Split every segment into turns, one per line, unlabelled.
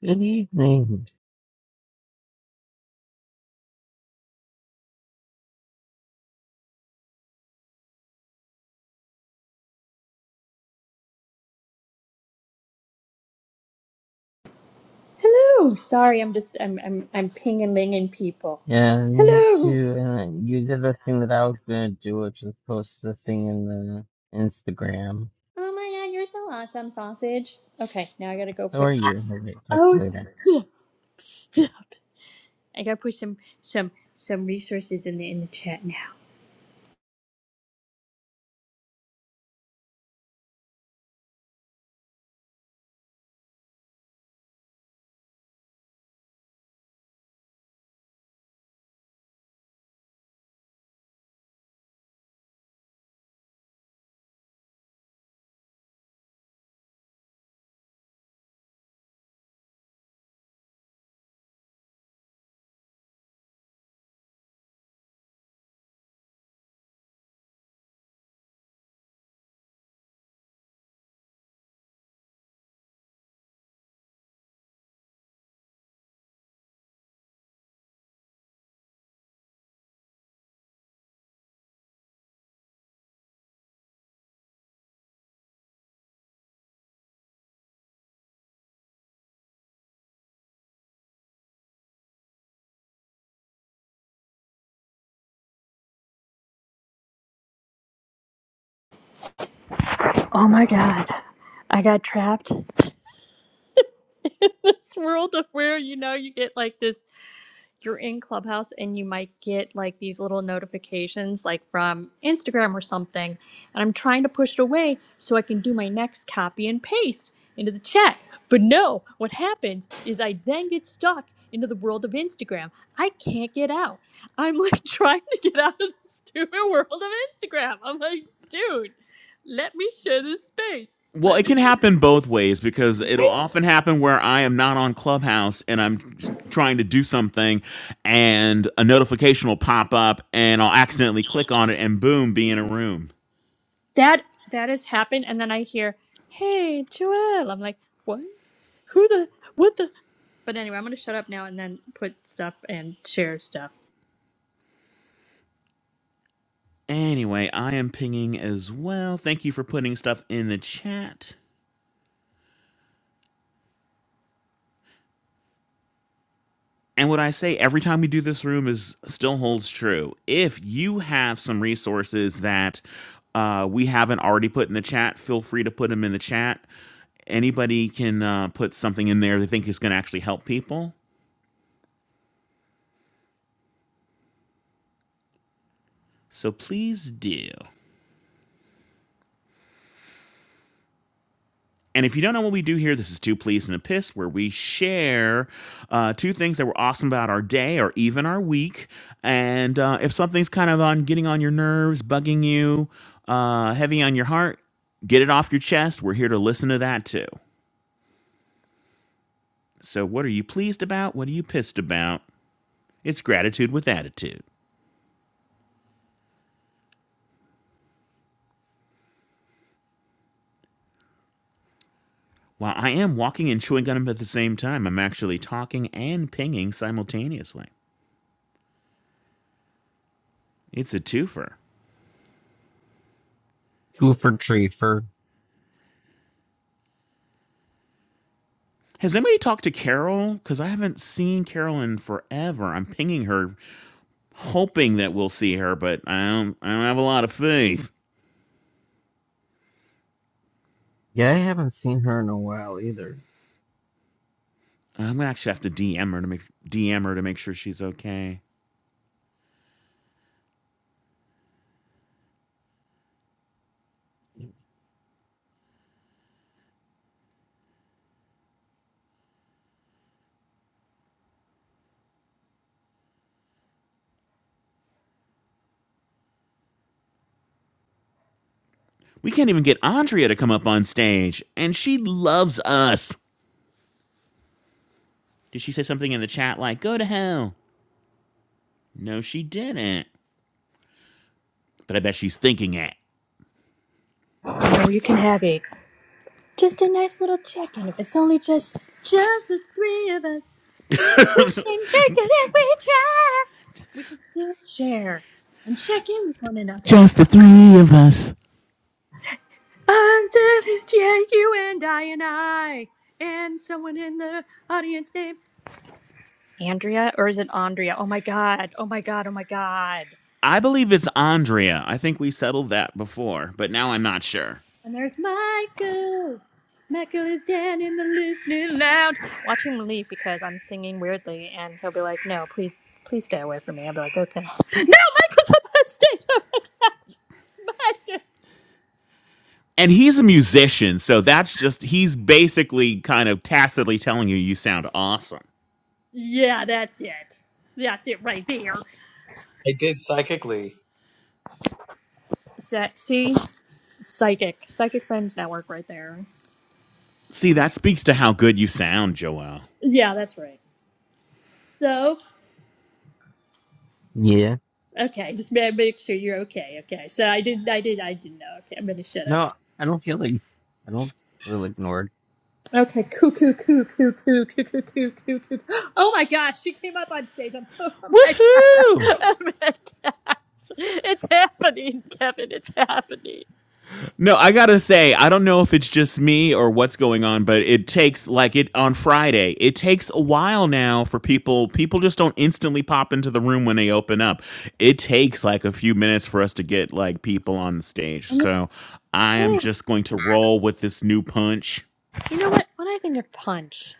Good evening.
Hello. Sorry, I'm just I'm I'm I'm pinging, linging people.
Yeah, me
Hello.
too. And you did the thing that I was gonna do, which was post the thing in the Instagram.
Oh my god, you're so awesome, sausage. Okay, now I gotta go
How
put.
are you? Okay, talk to
Oh,
you later.
stop! Stop! I gotta put some some some resources in the in the chat now. Oh my god, I got trapped. in this world of where you know you get like this. you're in Clubhouse and you might get like these little notifications like from Instagram or something. And I'm trying to push it away so I can do my next copy and paste into the chat. But no, what happens is I then get stuck into the world of Instagram. I can't get out. I'm like trying to get out of the stupid world of Instagram. I'm like, dude, let me share this space.
Well,
Let
it
me
can happen both ways because it'll
right?
often happen where I am not on Clubhouse and I'm s- trying to do something and a notification will pop up and I'll accidentally click on it and boom, be in a room.
That that has happened and then I hear, "Hey, Joelle." I'm like, "What?" Who the what the? But anyway, I'm gonna shut up now and then put stuff and share stuff.
Anyway, I am pinging as well. Thank you for putting stuff in the chat. And what I say every time we do this room is still holds true. If you have some resources that uh, we haven't already put in the chat, feel free to put them in the chat. Anybody can uh, put something in there they think is going to actually help people. So please do. And if you don't know what we do here, this is Two Pleas and a Piss, where we share uh, two things that were awesome about our day or even our week. And uh, if something's kind of on getting on your nerves, bugging you, uh, heavy on your heart, get it off your chest. We're here to listen to that too. So, what are you pleased about? What are you pissed about? It's gratitude with attitude. While I am walking and chewing gum at the same time, I'm actually talking and pinging simultaneously. It's a twofer.
Two for three for.
Has anybody talked to Carol? Because I haven't seen Carol in forever. I'm pinging her, hoping that we'll see her, but I don't. I don't have a lot of faith.
Yeah, I haven't seen her in a while either.
I'm gonna actually have to DM her to make DM her to make sure she's okay. We can't even get Andrea to come up on stage, and she loves us. Did she say something in the chat like "Go to hell"? No, she didn't. But I bet she's thinking it.
Oh, you can have it. Just a nice little check-in. If it's only just Just the three of us. we can make it if we try. We can still share and check in with one another.
Just the three of us.
I'm the Yeah, you and I and I and someone in the audience named Andrea, or is it Andrea? Oh my god! Oh my god! Oh my god!
I believe it's Andrea. I think we settled that before, but now I'm not sure.
And there's Michael. Michael is down in the listening lounge. Watch him leave because I'm singing weirdly, and he'll be like, "No, please, please stay away from me." I'll be like, "Okay." No, Michael's up on stage. Oh my gosh, Michael.
and he's a musician, so that's just he's basically kind of tacitly telling you you sound awesome.
Yeah, that's it. That's it right there.
I did psychically.
So, see, psychic, psychic friends network right there.
See, that speaks to how good you sound, Joelle.
Yeah, that's right. So,
Yeah.
okay, just ma- make sure you're okay. Okay, so I did, I did, I didn't know. Okay, I'm gonna shut up.
No, I don't feel like I don't feel ignored.
Okay, cuckoo, coo, coo, coo, coo, coo, coo, coo, coo. coo. Oh my gosh, she came up on stage. I'm so, oh my
Woohoo!
Oh my gosh. It's happening, Kevin. It's happening.
No, I gotta say, I don't know if it's just me or what's going on, but it takes like it on Friday. It takes a while now for people. People just don't instantly pop into the room when they open up. It takes like a few minutes for us to get like people on the stage.
And it's
So I am
fine.
just going to roll with this new punch.
you know what? When I think of punch,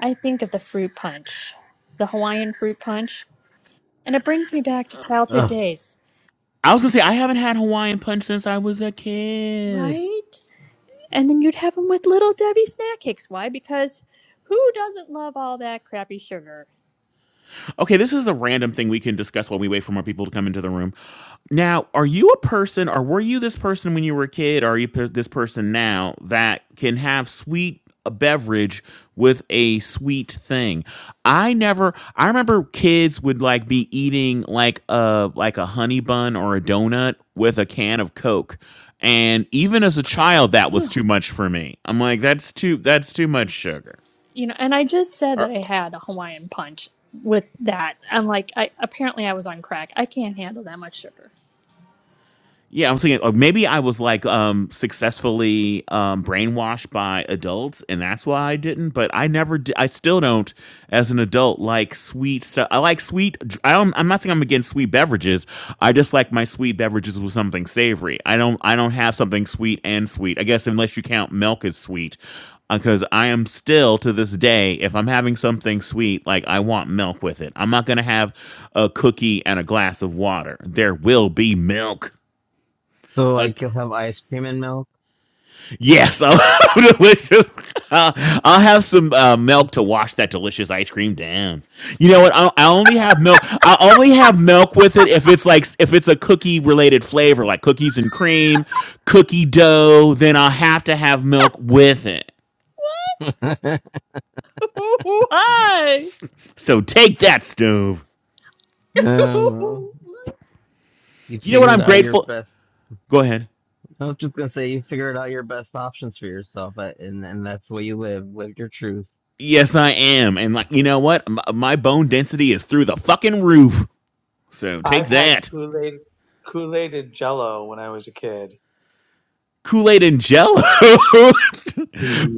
I think of the fruit punch, the Hawaiian fruit punch, and it brings me back to childhood
Ugh.
days,
I was gonna say, I haven't had Hawaiian Punch since I was a kid.
right? And then you'd have them with little Debbie snack cakes. Why? Because who doesn't love all that crappy sugar?
Okay, this is a random thing we can discuss while we wait for more people to come into the room. Now, are you a person, or were you this person when you were a kid, or are you per- this person now that can have sweet a beverage with a sweet thing? I never. I remember kids would like be eating like a like a honey bun or a donut with a can of Coke, and even as a child, that was too much for me. I'm like, that's too that's too much sugar.
you know, and I just said that I had a Hawaiian punch with that. I'm like, I apparently I was on crack. I can't handle that much sugar.
Yeah, I'm thinking or maybe I was like um successfully um brainwashed by adults and that's why I didn't, but I never did, I still don't as an adult like sweet stuff. I like sweet dr- I don't I'm not saying I'm against sweet beverages. I just like my sweet beverages with something savory. I don't I don't have something sweet and sweet. I guess unless you count milk as sweet because I am still to this day, if I'm having something sweet, like I want milk with it. I'm not gonna have a cookie and a glass of water. There will be milk.
So
Uh,
like you'll have ice cream and milk.
yes, I'll delicious. I'll, I'll have some uh, milk to wash that delicious ice cream down. You know what? I, I only have milk. I only have milk with it if it's like if it's a cookie related flavor, like cookies and cream, cookie dough. Then I'll have to have milk with it.
Hi.
So take that stove.
oh, well, you
You know what?
figured
I'm
out your
grateful.
best.
Go ahead.
I was just gonna say you figured out your best options for yourself, but and and that's the way you live. Live your truth.
Yes, I am. And like, you know what? M- my bone density is through the fucking roof. So
I've
take
had
that.
Kool Aid, Kool Aid and Jello when I was a kid.
Kool Aid and Jello.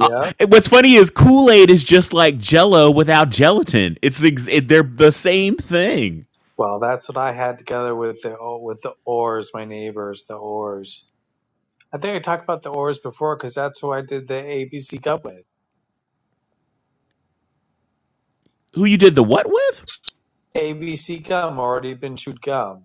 Uh, what's funny is Kool Aid is just like Jello without gelatin. It's the it, they're the same thing.
Well, that's what I had together with the oh, with the Oars, my neighbors, the Oars. I think I talked about the Oars before because that's who I did the ABC gum with.
Who you did the what with?
ABC gum already been chewed gum,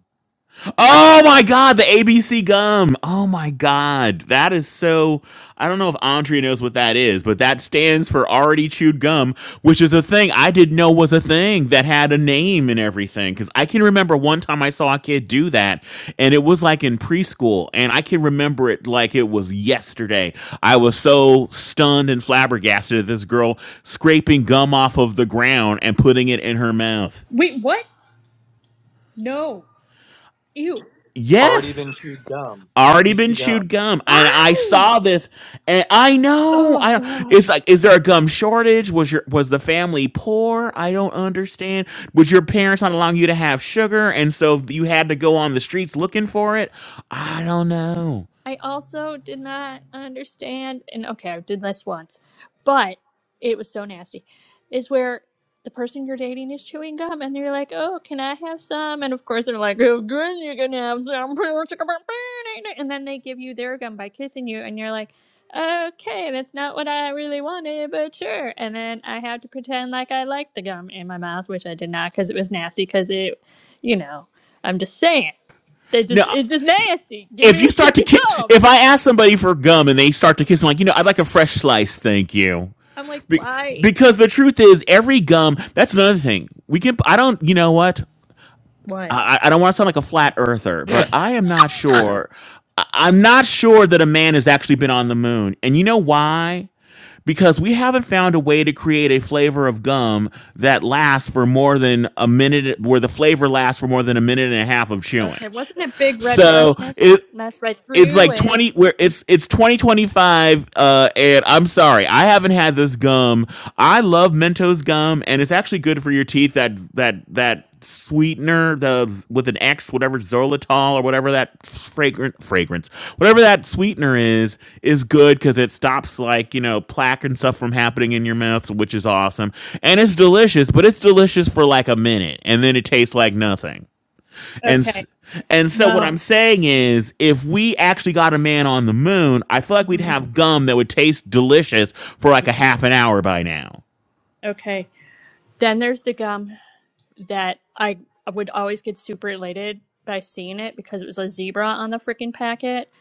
Oh my god, the ABC gum. Oh my god. That is so I don't know if Andrea knows what that is, but that stands for already chewed gum, which is a thing I didn't know was a thing that had a name and everything cuz I can remember one time I saw a kid do that and it was like in preschool and I can remember it like it was yesterday. I was so stunned and flabbergasted at this girl scraping gum off of the ground and putting it in her mouth.
Wait, what? No. Ew.
already
Yes.
been chewed gum.
already been
ABC
chewed
gum.
gum and i
Why?
saw this and i know
Oh
i
god.
it's like is there a gum shortage was your was the family poor i don't understand was your parents not allowing you to have sugar and so you had to go on the streets looking for it i don't know
I also did not understand, and okay, I did this once, but it was so nasty. Is where the person you're dating is chewing gum, and they're like, "Oh, can I have some?" And of course, they're like, "Of course you can have some," and then they give you their gum by kissing you, and you're like. Okay, that's not what I really wanted, but sure. And then I have to pretend like I liked the gum in my mouth, which I did not because it was nasty. Because it, you know, I'm just saying, they
no
just it's just nasty. Give
if
me a
you start
stick
to
of
ki-
gum.
if i ask somebody for gum and they start to kiss i'm like you know i'd like a fresh slice thank you
I'm like,
be-
why?
because the truth is every gum that's another thing we can i don't you know what
What?
I, I don't want to sound like a flat earther, but I am not sure. I- I'm not sure that a man has actually been on the moon. And you know why? Because we haven't found a way to create a flavor of gum that lasts for more than a minute, where the flavor lasts for more than a minute and a half of chewing.
Okay, wasn't it big red
So
freshness?
it,
That's right
it's
through
like
it.
20 where it's it's 2025 uh and i'm sorry i haven't had this gum i love mentos gum and it's actually good for your teeth that that that sweetener the with an x whatever xylitol or whatever that fragrant fragrance whatever that sweetener is is good because it stops like you know plaque and stuff from happening in your mouth which is awesome and it's delicious but it's delicious for like a minute and then it tastes like nothing and s-
Okay,
and so what
no.
I'm saying is, if we actually got a man on the moon, I feel like we'd
Mhm.
have gum that would taste delicious for like
Yeah.
a half an hour by now.
Okay, then there's the gum that I would always get super elated by seeing it because it was a zebra on the freaking packet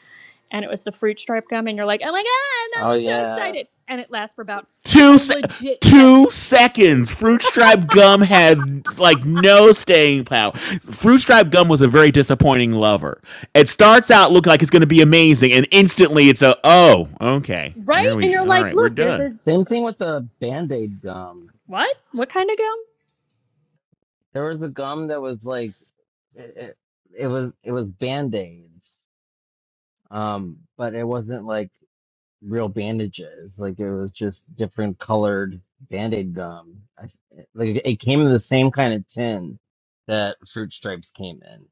and it was the fruit stripe gum, and you're like, oh my god,
Oh
I'm so
yeah.
excited. And it lasts for about
Two
a
se-
legit second,
two seconds. Fruit stripe gum had like no staying power. Fruit stripe gum was a very disappointing lover. It starts out looking like it's going to be amazing, and instantly it's a oh okay.
right?
There
And
we
you're
all
like,
right. We're
look, there's a
done.
Same
zebra.
thing with the Band-Aid gum.
What? What kind of gum?
There was a gum that was like it, it, it was it was Band-Aids. Um, but it wasn't like real bandages. Like it was just different colored Band-Aid gum. I, like it came in the same kind of tin that Fruit Stripes came in.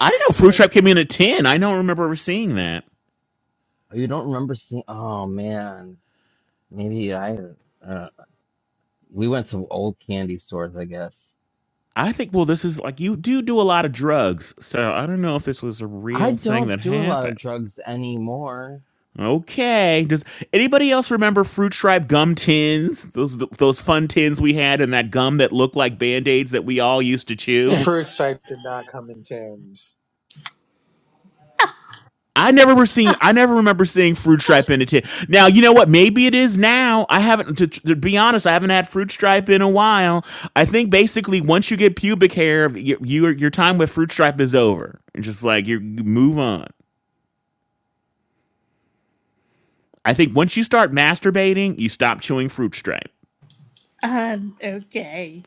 I didn't know fruit
Wow.
stripe came in at ten. I don't remember ever seeing that.
Oh, You don't remember seeing? Oh man, maybe I. Uh, we went to old candy stores, I guess.
I think well, this is like you do do a lot of drugs, so I don't know if this was a
I
real thing
don't
that
do a lot
happened.
of drugs anymore.
Okay, does anybody else remember fruit stripe gum tins? Those those fun tins we had, and that gum that looked like band aids that we all used to chew.
First stripe did not come in tins.
I never were seeing. I never remember seeing fruit stripe in a tin. Now you know what? Maybe it is now. I haven't. To, to be honest, I haven't had fruit stripe in a while. I think basically once you get pubic hair, your your, your time with fruit stripe is over. Just like you you move on. I think once you start masturbating, you stop chewing fruit stripe.
Um, okay.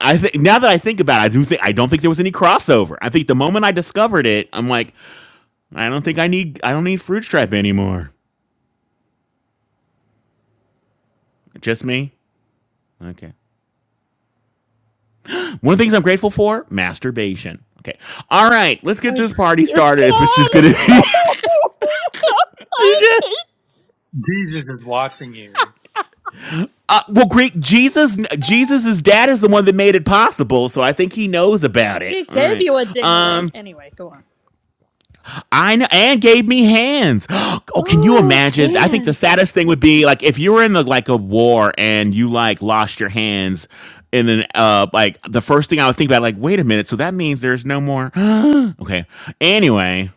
I think now that I think about it, I do think I don't think there was any crossover. I think the moment I discovered it, I'm like, I don't think I need I don't need fruit stripe anymore. Just me. Okay. One of the things I'm grateful for, masturbation. Okay. All right, let's get this party
You
started if it's
can.
just gonna
Jesus is watching you.
Uh, well, great. Jesus, Jesus's dad is the one that made it possible, so I think he knows about it.
he
All
gave
right.
you a ding-a-ling.
Um,
Anyway, go on.
I know, and gave me hands. Oh, can you
Oh,
imagine? I think the
Hands.
saddest thing would be like if you were in the like a war and you like lost your hands, and then uh like the first thing I would think about like wait a minute, so that means there's no more. okay, anyway,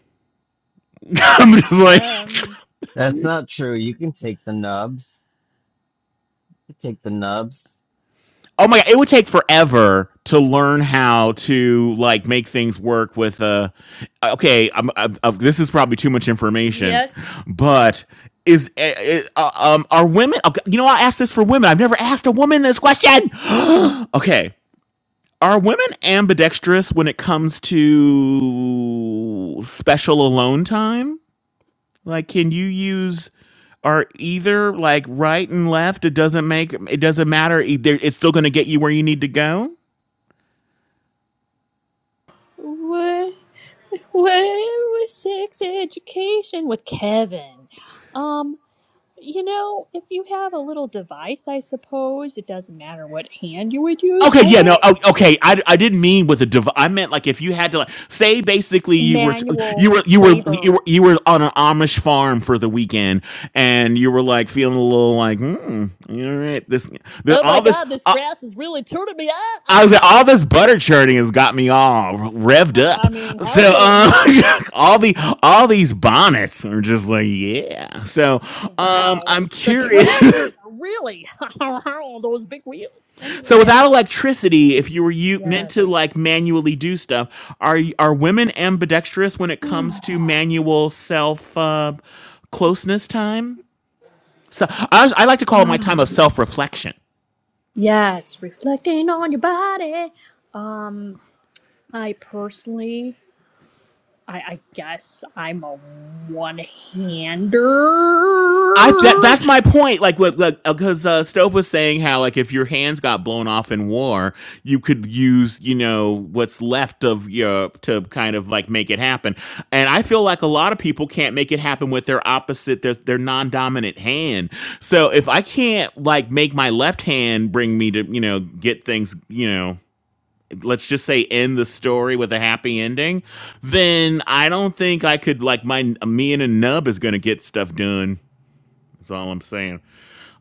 I'm just like
Um.
That's not true. You can take the nubs. You take the nubs.
oh my god, it would take forever to learn how to like make things work with a. Okay, I'm, I'm, i this is probably too much information,
Yes.
but is eh, eh, uh, um are women? Okay, you know, I asked this for women. I've never asked a woman this question. okay, are women ambidextrous when it comes to special alone time? Like, can you use are either like right and left? It doesn't make it doesn't matter. Either it's still going to get you where you need to go.
Where, where was sex education with Kevin? Um. You know, if you have a little device, I suppose it doesn't matter what hand you would use.
Okay,
I
yeah, no,
don't
oh, okay. I, I didn't mean with a dev. I meant like if you had to like say basically you were you
manual
were you were you
labor.
were you were on an Amish farm for the weekend and you were like feeling a little like hmm, all right, this the
Oh my
all this.
God, this
uh,
grass is really turning me
I
on.
was like, all this butter churning has got me all revved
I
up.
I mean, how
So
can it not?
uh, all the all these bonnets are just like, yeah. So um,
Wow.
I'm
The
curious.
tractors are really on those big wheels. Anyway,
so
yeah.
without electricity, if you were you meant to
Yes.
like manually do stuff, are y- are women ambidextrous when it comes to manual self uh,
yes,
closeness time? So I, I like to call it my time
Ah.
of self reflection.
Yes, reflecting on your body. Um, I personally, I, I guess I'm a one-hander.
I that that's my point. Like what like because uh, Stove was saying how like if your hands got blown off in war, you could use you know what's left of Europe to kind of like make it happen. And I feel like a lot of people can't make it happen with their opposite their their non dominant hand. So if I can't like make my left hand bring me to you know get things you know let's just say end the story with a happy ending, then I don't think I could like my me and a nub is gonna get stuff done. That's all I'm saying.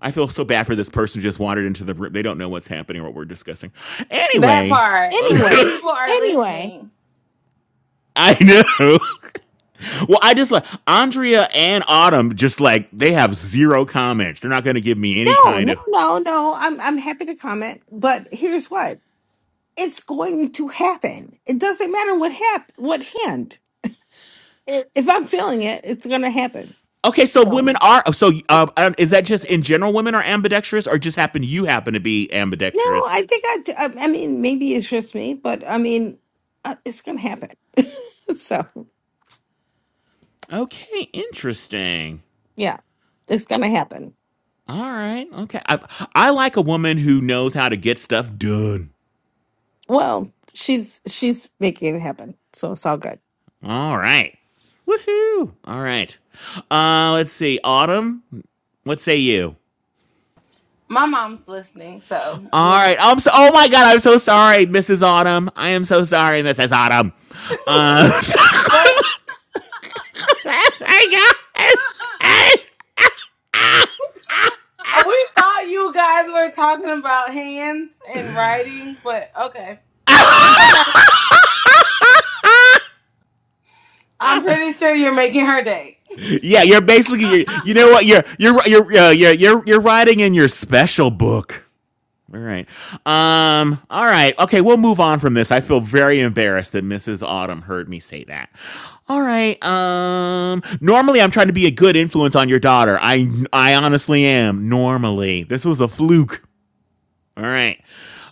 I feel so bad for this person who just wandered into the room. They don't know what's happening or what we're discussing.
That
Anyway,
part, because
Anyway,
people are
anyway,
listening.
I know. well, I just like Andrea and Autumn. Just like they have zero comments. They're not going to give me any
no,
kind
no,
of.
no, no. I'm I'm happy to comment, but here's what: it's going to happen. It doesn't matter what hap- what hand. It, if I'm feeling it, it's going to happen.
Okay, so
So
women are oh, so.
no,
Uh, um, is that just in general women are ambidextrous, or just happen you happen to be ambidextrous?
I think I, I. I mean, maybe it's just me, but I mean, uh, it's going to happen. so
Okay, interesting.
yeah, it's
A-
going to happen.
All right. Okay, I I like a woman who knows how to get stuff done.
Well, she's she's making it happen, so it's all good.
All right. Woohoo. All right. Uh let's see. Autumn, what say you?
My mom's listening, so
All
we'll.
right. I'm so oh my god, I'm so sorry, Mrs. Autumn. I am so sorry, Mrs. Autumn. Uh
But
I got it.
we thought you guys were talking about hands and writing, but okay. It's okay. I'm pretty sure you're making her day.
Yeah, you're basically you you know what? You're you're you're uh, you're you're you're writing in your special book. All right. Um, all right. Okay, we'll move on from this. I feel very embarrassed that Mrs. Autumn heard me say that. All right. Um normally I'm trying to be a good influence on your daughter. I I honestly am. Normally. This was a fluke. All right.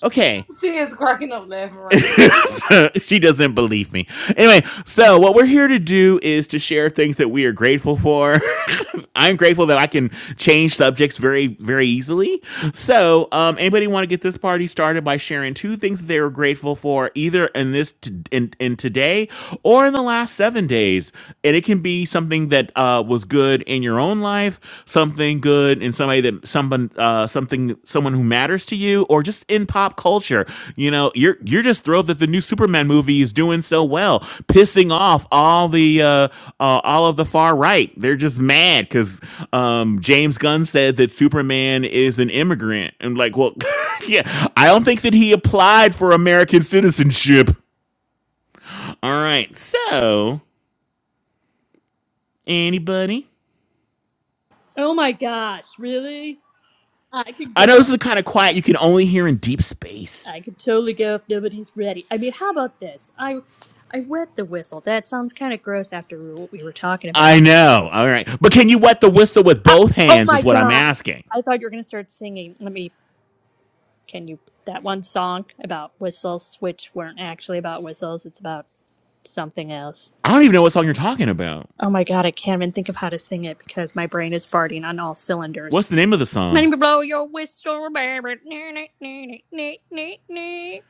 Okay.
She is cracking up laughing right now.
she doesn't believe me. Anyway, so what we're here to do is to share things that we are grateful for. I'm grateful that I can change subjects very, very easily. So, um, anybody want to get this party started by sharing two things that they were grateful for, either in this t- in, in today or in the last seven days, and it can be something that uh, uh, was good in your own life, something good in somebody that someone uh, something someone who matters to you, or just in pop culture. You know, you're you're just thrilled that the new Superman movie is doing so well, pissing off all the uh, uh, all of the far right. They're just mad because um, James Gunn said that Superman is an immigrant, and like, well, yeah, I don't think that he applied for American citizenship. All right, so anybody.
Oh my gosh, really? I could
I know this
go.
is the kind of quiet you can only hear in deep space.
I could totally go if nobody's ready. I mean, how about this? I I wet the whistle. That sounds kind of gross after what we were talking
I
about.
know. All right. But can you wet the whistle with
Ah,
both
oh
hands
my
is what I'm
god!
asking.
I thought you were gonna start singing. Let me. Can you that one song about whistles, which weren't actually about whistles? It's about something else.
I don't even know what song you're talking about.
Oh my god! I can't even think of how to sing it because my brain is farting on all cylinders.
What's the name of the
Let
song?
me blow your whistle, baby. Nee, nee, nee, nee, nee, nee, nee.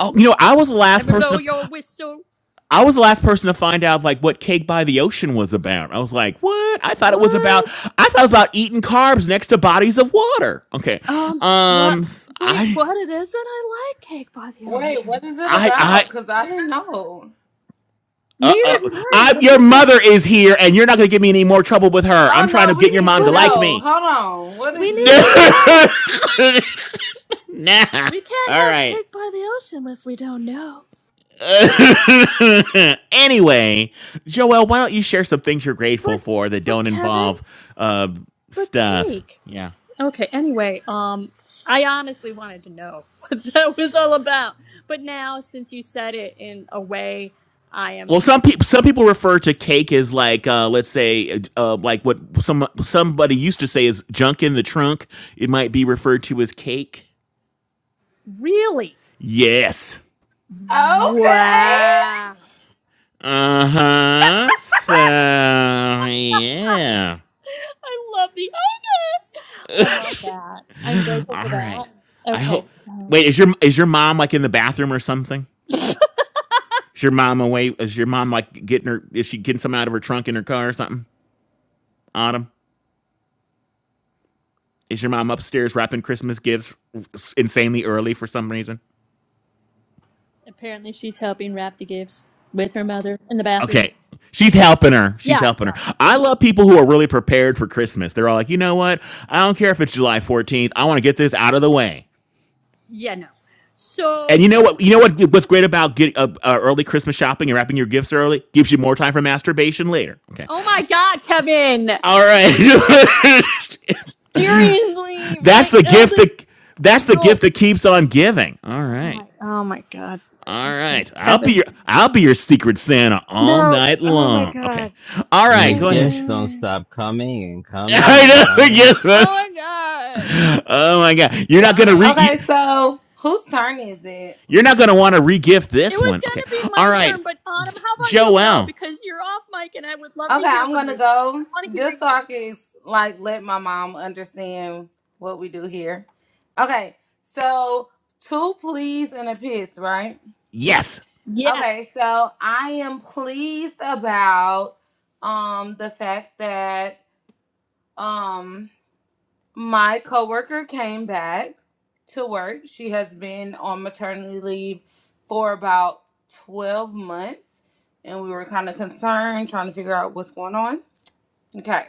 Oh, you know, I was the
Let
last
me blow
person to
your
f-
whistle.
I was the last person to find out like what Cake by the Ocean was about. I was like, "What? I thought it was about
What?
I thought it was about eating carbs next to bodies of water." Okay.
Um, what?
Um
Wait,
I,
what? It is that I like Cake by the
Wait,
Ocean.
what is it
I, I,
about? Because I didn't know.
uh,
Neither do
uh,
I,
I,
Autumn.
your
What the?
mother is here, and you're not going to give me any more trouble with her. I'm
Oh
trying
no,
to get
we
your
need to
mom to
But
like
we
know.
me.
Hold on. What
we
is
need
it?
to
No,
know.
nah.
We can't
All
have
right.
Cake by the Ocean if we don't know.
anyway, Joelle, why don't you share some things you're
But
grateful for that
but
don't
Kevin,
involve uh,
but
stuff?
Cake.
Yeah.
Okay. Anyway, um, I honestly wanted to know what that was all about. But now, since you said it in a way, I am
Well, some people some people refer to cake as like, uh, let's say, uh, uh, like what some somebody used to say is junk in the trunk. It might be referred to as cake.
really
Yes.
Okay.
wow.
Uh huh. So yeah.
I love the okay. I love that. I'm grateful
All
for
right.
that.
I
Okay,
hope.
so
Wait, is your is your mom like in the bathroom or something? Is your mom away? Is your mom like getting her? Is she getting something out of her trunk in her car or something? Autumn, is your mom upstairs wrapping Christmas gifts insanely early for some reason?
apparently she's helping wrap the gifts with her mother in the bathroom.
Okay, she's helping her. She's
Yeah,
helping her.
yes.
I love people who are really prepared for Christmas. They're all like, you know what? I don't care if it's July fourteenth. I want to get this out of the way.
Yeah, no.
And
So,
you know what? You know what? What's great about getting uh, uh, early Christmas shopping and wrapping your gifts early gives you more time for masturbation later. Okay,
oh my god, Kevin.
All right.
Seriously,
that's
my
the gift
eldest
that that's the
no.
gift that keeps on giving. All
Oh
right.
my oh my god.
All
Okay,
right. I'll be
Kevin.
your I'll be your secret Santa all
No.
night
Oh my
long. Okay.
god.
All
And the
right, go ahead.
gifts don't
Kevin.
stop coming and coming and
I know.
coming.
Yes, man.
Oh my god.
Oh my god. You're not going to
Why?
re you,
Okay, so whose turn is it?
you're not going to want to regift
It
this
was
one.
going
Okay.
to be
All
my turn,
right.
but Autumn, how about you go?
Joel.
Because you're off mic and I would love to
Okay,
hear
I'm
from you.
gonna
I
go
want to hear
just so
you.
I can ex- like let my mom understand what we do here. Okay, so two pleas and a piss, right?
Yes.
Yeah.
Okay, so I am pleased about um the fact that um my coworker came back to work. She has been on maternity leave for about 12 months and we were kind of concerned trying to figure out what's going on. Okay.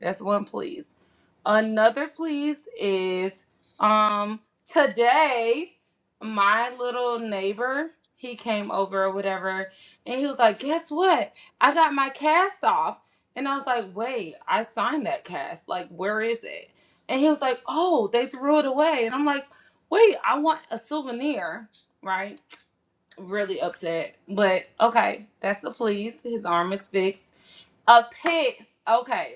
That's one please. Another please is um today my little neighbor he came over or whatever and he was like, "Guess what? I got my cast off." And I was like, "Wait, I signed that cast. Like, where is it?" And he was like, "Oh, they threw it away." And I'm like, "Wait, I want a souvenir." Right? Really upset. But okay, that's a please. His arm is fixed. A piss. Okay.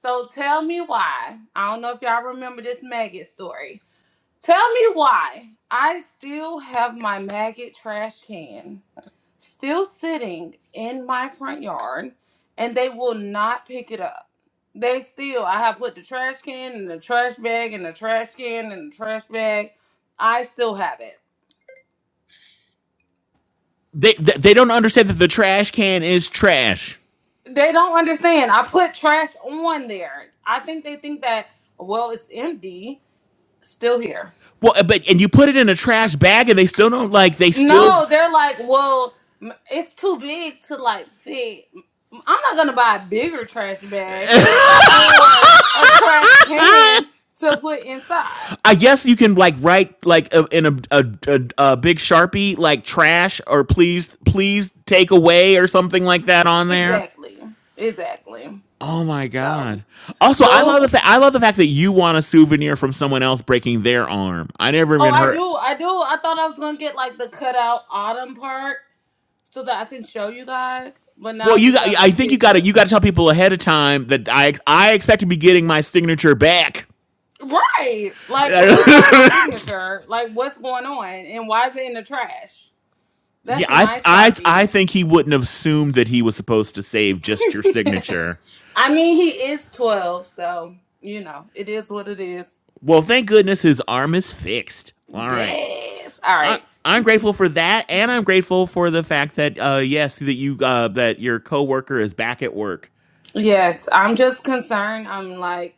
So tell me why. I don't know if y'all remember this maggot story. Tell me why I still have my maggot trash can still sitting in my front yard and they will not pick it up. They still, I have put the trash can and the trash bag and the trash can and the trash bag. I still have it.
They, they they don't understand that the trash can is trash.
They don't understand. I put trash on there. I think they think that, well, it's empty. Still here.
Well, uh, but and you put it in a trash bag, and they still don't like. They still
No, they're like, well, m- it's too big to like fit. i I'm not gonna buy a bigger trash bag or a trash can to put inside.
I guess you can like write like a, in a, a, a, a big sharpie like trash or please please take away or something like that on there.
Exactly, exactly.
Oh my
So
god! Also, I love the
those.
fa- I love the fact that you want a souvenir from someone else breaking their arm. I never
Oh,
even
I
heard.
do, I do. I thought I was gonna get like the cutout autumn part so that I can show you guys, but now
Well,
I
you
just
got.
have a
I think you got to
picture.
you got to tell people ahead of time that I I expect to be getting my signature back.
Right, like who got my
yeah,
signature? Like what's going on, and why is it in the trash? That's in
I
my
I I
sharpie.
think he wouldn't have assumed that he was supposed to save just your signature.
I mean, he is 12, so, you know, it is what it is.
Well, thank goodness his arm is fixed. All right.
Yes. All
I
right.
I'm grateful for that, and I'm grateful for the fact that uh yes, that you uh that your coworker is back at work.
Yes, I'm just concerned. I'm like,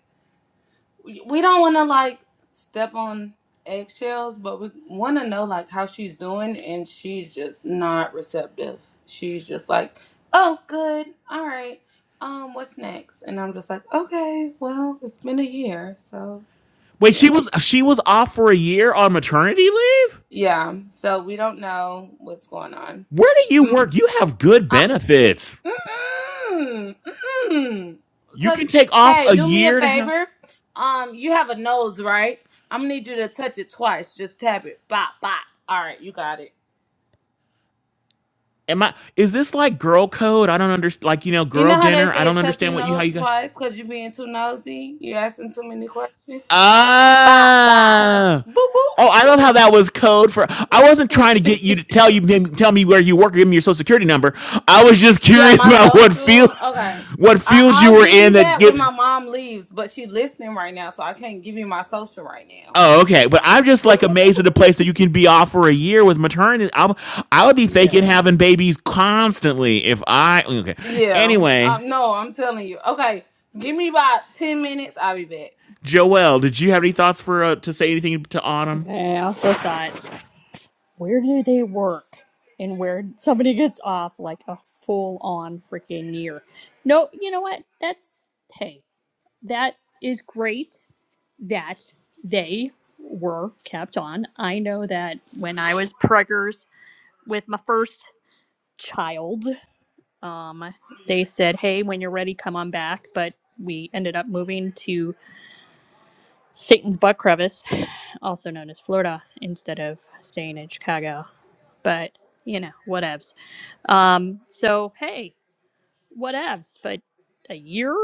we don't want to, like, step on eggshells, but we want to know, like, how she's doing, and she's just not receptive. She's just like, oh, good. All right. Um, what's next? And I'm just like, okay, well, it's been a year, so,
Wait,
yeah.
she was she was off for a year on maternity leave?
Yeah, so we don't know what's going on.
Where do you
Mm,
work? You have good
Uh,
benefits.
Mm-mm, mm-mm.
You
Touch.
can take off
Hey,
a
do me a
year to have
favor. Um, you have a nose, right? I'm gonna need you to touch it twice. Just tap it. Bop, bop. All right, you got it.
Am I is this like girl code? I don't understand like you know,
You
girl
know how they
dinner. I
say
don't
touch your
understand what you how
nose
you got
twice because you being too nosy? You asking too many questions? Bop, bop.
Ah.
Boop,
Oh, I love how that was code for. I wasn't trying to get you to
boop.
tell you tell me where you work or give me your social security number. I was just
yeah,
curious
my
about what field
social. Okay.
what
I-
field you
I'll
were
give
in
you
that
that when
gives.
my mom leaves, but she listening right now, so I can't give you my social right now.
Oh, okay. But I'm just like amazed at the place that you can be off for a year with maternity. I'm, I would be
Yeah.
faking having babies constantly if I. Okay.
Yeah.
Anyway,
Um, no, I'm telling you. Okay, give me about 10 minutes. I'll be back.
Joelle, did you have any thoughts for uh, to say anything to Autumn?
Okay, I also thought, where do they work? And where somebody gets off like a full on freaking year. No, you know what? That's, hey, that is great that they were kept on. I know that when I was preggers with my first child, Um, they said, "Hey, when you're ready, come on back." But we ended up moving to Satan's Butt Crevice, also known as Florida, instead of staying in Chicago. But you know, whatevs. Um, so hey, whatevs. But a year?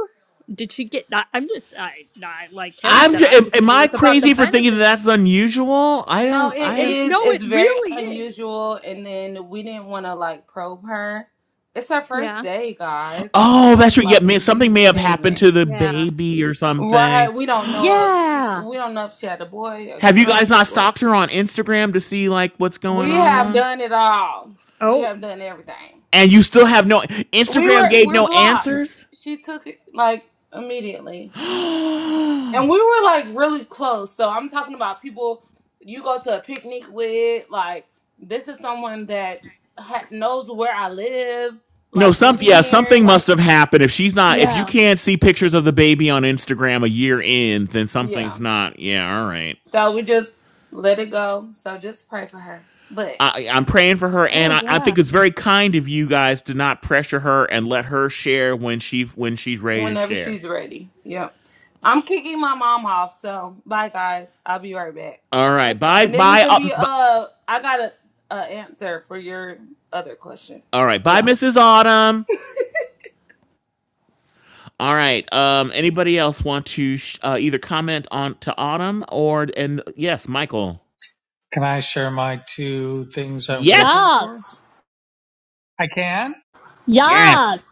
Did she get? I, I'm just, I, I, like Kevin
I'm.
said, I'm
Am,
just
am I
curious about the
crazy for thinking that that's
benefits.
unusual? I
No,
don't.
it
It
I.
it-
is.
no, it
It's very
really is.
unusual. And then we didn't want to like probe her. It's her first
Yeah.
day, guys. We
Oh,
got to
that's right. Yeah,
like
may, something
ease
may
it
have happened
in.
to the
Yeah.
baby or
Right.
something.
We don't know if she,
Yeah.
we don't know if she had a boy, a
Have you
girl,
guys
a
not
boy.
stalked her on Instagram to see like what's going
We have
on?
done it all. We
Oh.
have done everything.
And you still have no
We
Instagram
were,
gave
we're
no
blocked.
answers?
She took it like immediately.
no,
And we were like really close. So I'm talking about people you go to a picnic with. Like this is someone that ha- knows where I live. Like
some
been
yeah,
here.
something must
Like
have happened. If she's not if you
yeah,
Yeah.
can't see pictures of the baby on Instagram a year in, then something's
yeah.
not. Yeah, all right.
So we just let it go. So just pray for her. But
I, I'm praying for her, and
Oh
I, I
yeah.
think it's very kind of you guys to not pressure her and let her share when she when she's ready to
whenever
share.
she's ready. Yep. I'm kicking my mom off. So bye guys. I'll be right back.
All right.
Okay.
Bye.
And then we
Bye.
can
Uh,
be
bu-
uh. I got a, a answer for your other question.
all right.
Yeah.
Bye, Mrs. Autumn. All right. Um. Anybody else want to sh- uh, either comment on to Autumn or and yes, Michael.
Can I share my two things I'm grateful
Yes.
for?
Yes.
I can.
Yes.
Yes!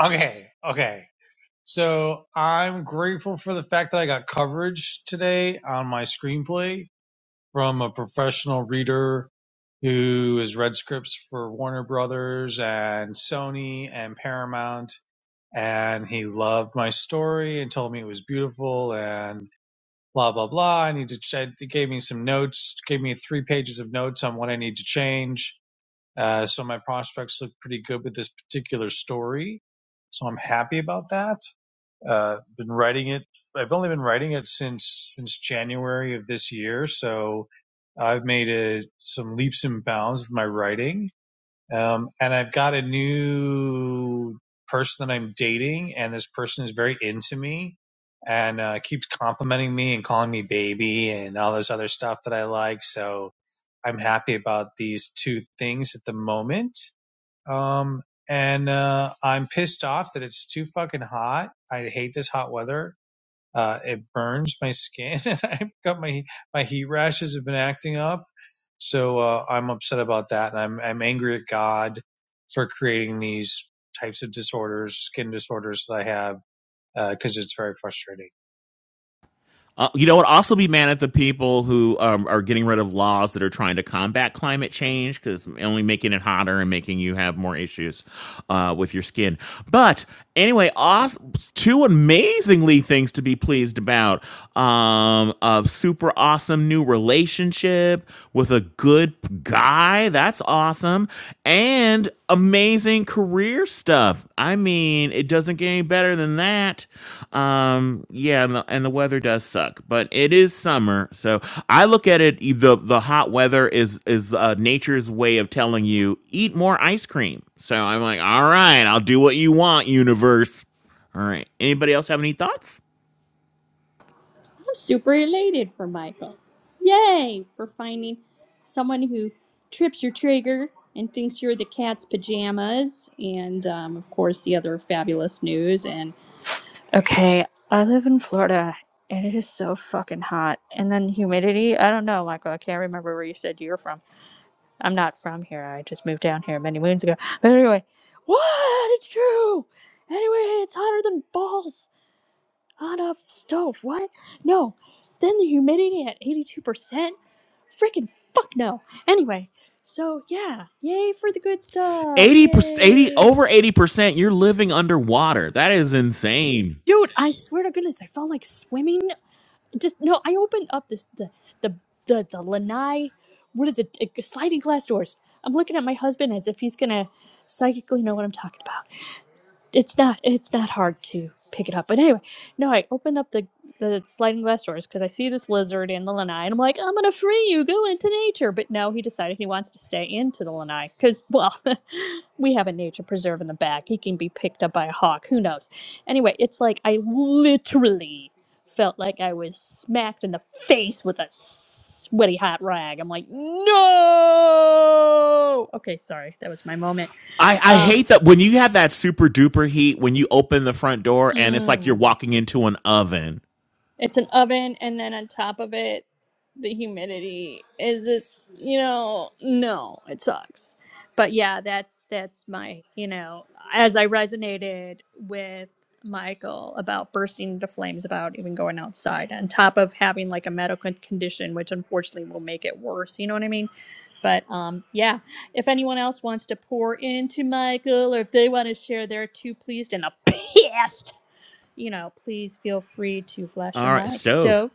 Okay. Okay. So I'm grateful for the fact that I got coverage today on my screenplay from a professional reader who has read scripts for Warner Brothers and Sony and Paramount. And he loved my story and told me it was beautiful and blah, blah, blah. I need to check. He gave me some notes, gave me three pages of notes on what I need to change. Uh, so my prospects look pretty good with this particular story. So I'm happy about that. Uh, been writing it. I've only been writing it since since January of this year, so I've made a, some leaps and bounds with my writing. Um, and I've got a new person that I'm dating, and this person is very into me and uh, keeps complimenting me and calling me baby and all this other stuff that I like. So I'm happy about these two things at the moment um, and uh, I'm pissed off that it's too fucking hot. I hate this hot weather. Uh, it burns my skin, and I've got my my heat rashes have been acting up. So uh, I'm upset about that, and I'm I'm angry at God for creating these types of disorders, skin disorders that I have, because it's very frustrating.
Uh, you know what? Also, be mad at the people who um, are getting rid of laws that are trying to combat climate change because only making it hotter and making you have more issues uh, with your skin. But anyway, awesome! two amazingly things to be pleased about. Um, a super awesome new relationship with a good guy. That's awesome and amazing career stuff. I mean, it doesn't get any better than that. Um, yeah, and the, and the weather does suck, but it is summer, so I look at it. e- the The hot weather is is uh, nature's way of telling you eat more ice cream. So I'm like, all right, I'll do what you want, universe. All right. Anybody else have any thoughts?
I'm super elated for Michael. Yay! For finding someone who trips your trigger and thinks you're the cat's pajamas. And, um, of course, the other fabulous news. And, okay, I live in Florida and it is so fucking hot. And then humidity, I don't know, Michael. I can't remember where you said you were from. I'm not from here. I just moved down here many moons ago. But anyway, what? It's true! Anyway, it's hotter than balls Hot off stove, what? No. Then the humidity at 82%? Freaking fuck no. Anyway, so yeah, yay for the good stuff.
80 percent 80
Yay.
over 80% you're living underwater that is insane
Dude, I swear to goodness, I felt like swimming. Just no, I opened up this the the the, the lanai what is it? uh, Sliding glass doors. I'm looking at my husband as if he's gonna psychically know what I'm talking about. it's not it's not hard to pick it up. But anyway, no, I open up the the sliding glass doors because I see this lizard in the lanai, and I'm like, I'm gonna free you, go into nature. But no, he decided he wants to stay into the lanai because well, we have a nature preserve in the back. He can be picked up by a hawk. Who knows? Anyway, it's like I literally felt like I was smacked in the face with a sweaty hot rag. I'm like, no. Okay, sorry, that was my moment.
I, I
Uh.
hate that when you have that super duper heat when you open the front door and it's like you're
mm.
walking into an oven.
It's an oven, and then on top of it, the humidity is just, you know, no, it sucks. But yeah, that's that's my, you know, as I resonated with Michael about bursting into flames about even going outside, on top of having like a medical condition, which unfortunately will make it worse. You know what I mean? But um, yeah, if anyone else wants to pour into Michael or if they want to share their two pleased and a pissed you know, please feel free to flash your
All right,
mic,
stove.
Stove.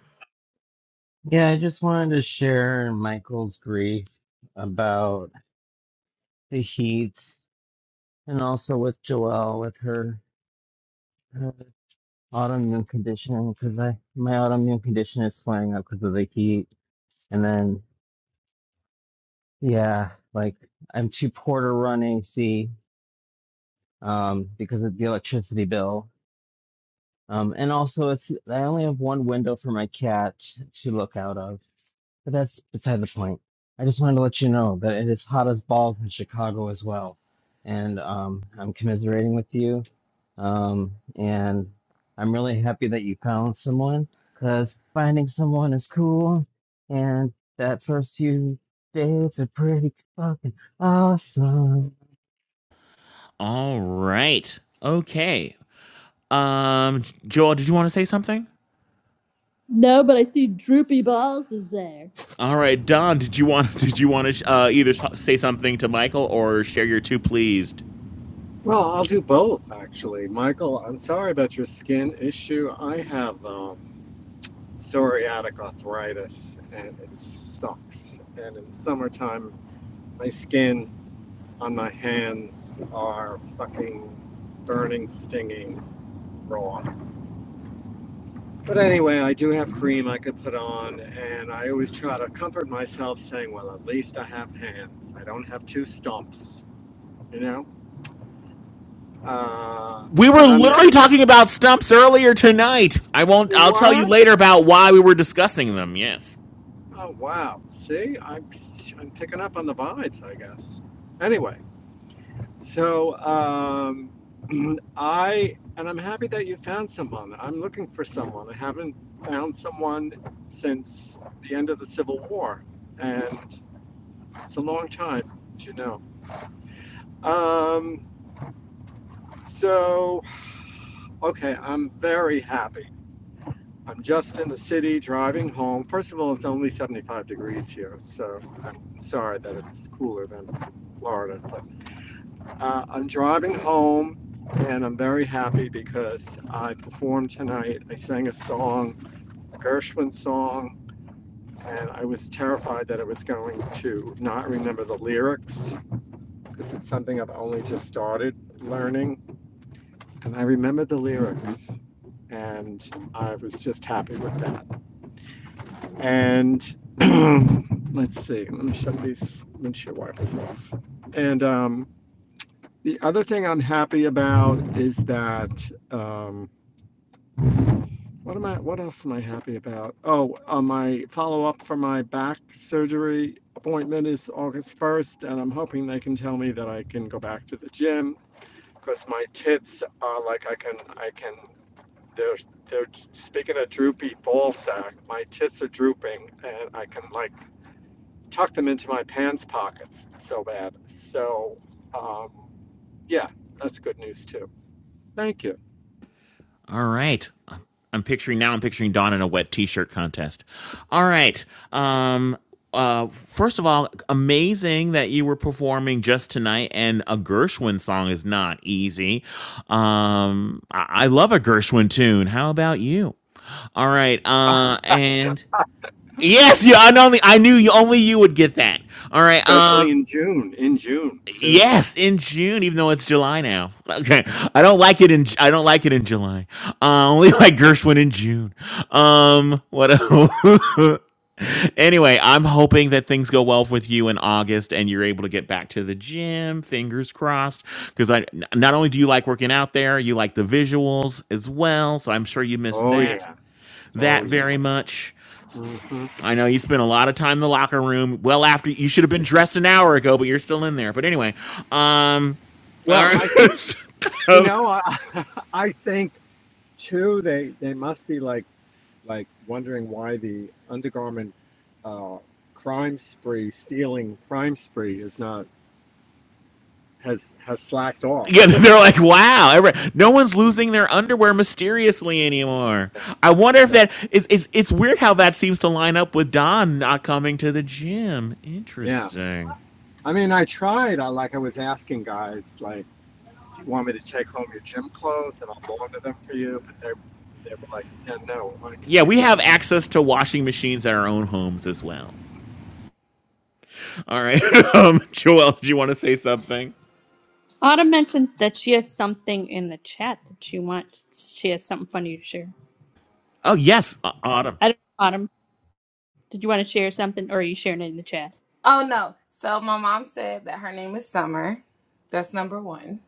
Yeah, I just wanted to share Michael's grief about the heat and also with Joelle with her, her autoimmune condition because I my autoimmune condition is flaring up because of the heat. And then yeah, like I'm too poor to run AC um because of the electricity bill Um, and also, it's I only have one window for my cat to look out of, but that's beside the point. I just wanted to let you know that it is hot as balls in Chicago as well, and um, I'm commiserating with you. Um, and I'm really happy that you found someone, 'cause finding someone is cool, and that first few dates are pretty fucking awesome.
All right. Okay. Um, Joel, did you want to say something?
No, but I see Droopy Balls is there.
All right, Don, did you want did you want to uh, either say something to Michael or share your two pleased?
Well, I'll do both actually. Michael, I'm sorry about your skin issue. I have um, psoriatic arthritis and it sucks. And in summertime, my skin on my hands are fucking burning, stinging raw. But anyway, I do have cream I could put on, and I always try to comfort myself saying, well, at least I have hands. I don't have two stumps, you know? Uh,
We were
but I'm
literally
there.
talking about stumps earlier tonight. I won't.
You
I'll tell you
were?
later about why we were discussing them. Yes.
Oh wow! See, I'm I'm picking up on the vibes, I guess. Anyway, so um, I and I'm happy that you found someone. I'm looking for someone. I haven't found someone since the end of the Civil War, and it's a long time, as you know. Um, so okay, I'm very happy. I'm just in the city driving home. First of all, it's only 75 degrees here, so I'm sorry that it's cooler than Florida. But uh, I'm driving home and I'm very happy because I performed tonight. I sang a song, a Gershwin song, and I was terrified that I was going to not remember the lyrics because it's something I've only just started learning. And I remembered the lyrics and I was just happy with that. and let's see let me shut these windshield wipers off and um the other thing i'm happy about is that um what am i what else am i happy about oh uh, my follow-up for my back surgery appointment is august 1st and i'm hoping they can tell me that i can go back to the gym because my tits are like i can i can they're they're speaking of droopy ball sack my tits are drooping and i can like tuck them into my pants pockets so bad. So, um, yeah, that's good news too. Thank you.
All right. I'm picturing now. I'm picturing Dawn in a wet T-shirt contest. All right. Um. Uh. First of all, amazing that you were performing just tonight, and a Gershwin song is not easy. Um. I, I love a Gershwin tune. How about you? All right. Uh. And yes, you. I only. I knew you. Only you would get that. All right. Um.
Especially in June, in June too.
Yes, in June, even though it's July now. Okay, I don't like it in I don't like it in July. Uh, I only like Gershwin in June. Um, what? el- anyway, I'm hoping that things go well with you in August and you're able to get back to the gym. Fingers crossed, because I n- not only do you like working out there, you like the visuals as well. So I'm sure you miss
Oh,
that
yeah. Oh,
that
yeah.
very much.
hmm
I know you spent a lot of time in the locker room. Well, after you should have been dressed an hour ago, but you're still in there. But anyway, um, all
Well,
right.
I think, you know, I, I think too, they, they must be like, like wondering why the undergarment uh, crime spree, stealing crime spree is not, has, has slacked off
yeah, they're
because,
like, wow, every, no one's losing their underwear mysteriously anymore.
yeah,
I wonder if
so,
that is it's it's weird how that seems to line up with Don not coming to the gym.
yeah.
Interesting.
I mean, I tried. I like I was asking guys, like, do you want me to take home your gym clothes and I'll launder them for you? But they they were like, yeah, no, I can
Yeah,
do
we
that.
have access to washing machines at our own homes as well. All right, um, Joel, do you want to say something?
Autumn mentioned that she has something in the chat that she wants. She has something funny to share.
Oh yes, Autumn.
I don't know, Autumn. Did you want to share something, or are you sharing it in the chat?
Oh no. So my mom said that her name is Summer. That's number one.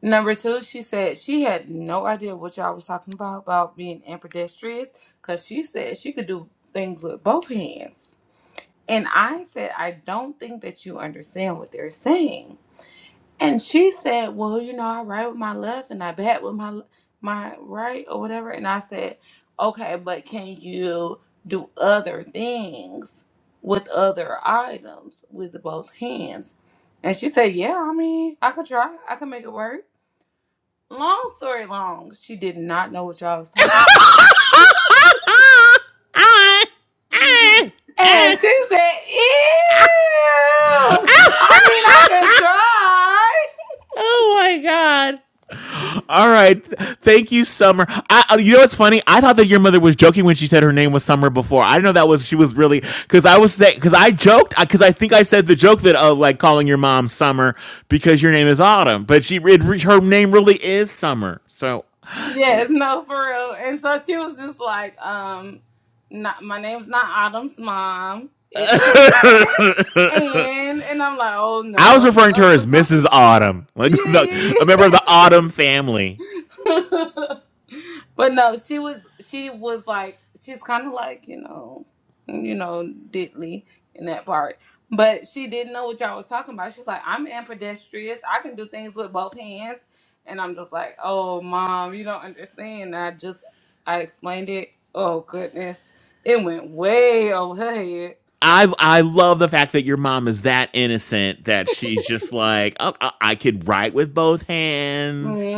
Number two, she said she had no idea what y'all was talking about about being ambidextrous because she said she could do things with both hands. And I said, I don't think that you understand what they're saying. And she said, "Well, you know, I write with my left and I bat with my my right or whatever." And I said, "Okay, but can you do other things with other items with both hands?" And she said, "Yeah, I mean, I could try. I could make it work." Long story long, she did not know what y'all was talking about.
oh
And she said, Ew! I mean, I could try.
my god. All right. Thank you, Summer. I, uh, you know what's funny? I thought that your mother was joking when she said her name was Summer before. I didn't know that was she was really because I was saying because I joked because I I think I said the joke that of uh, like calling your mom Summer because your name is Autumn, but she it, her name really is Summer. So
Yes, no, for real. And so she was just like, um, not my name's not Autumn's mom. It's Summer. And and I'm like, oh
I was
no.
referring to her as
Oh, no.
Mrs. Autumn, like the,
Yeah,
a member of the Autumn family.
yeah, yeah. But no, she was she was like she's kind of like you know, you know, diddly in that part. But she didn't know what y'all was talking about. She's like, I'm ambidextrous. I can do things with both hands. And I'm just like, oh, mom, you don't understand. I just I explained it. Oh goodness, it went way over her head.
I I love the fact that your mom is that innocent that she's just like "Oh, I, I can write with both
hmm
hands,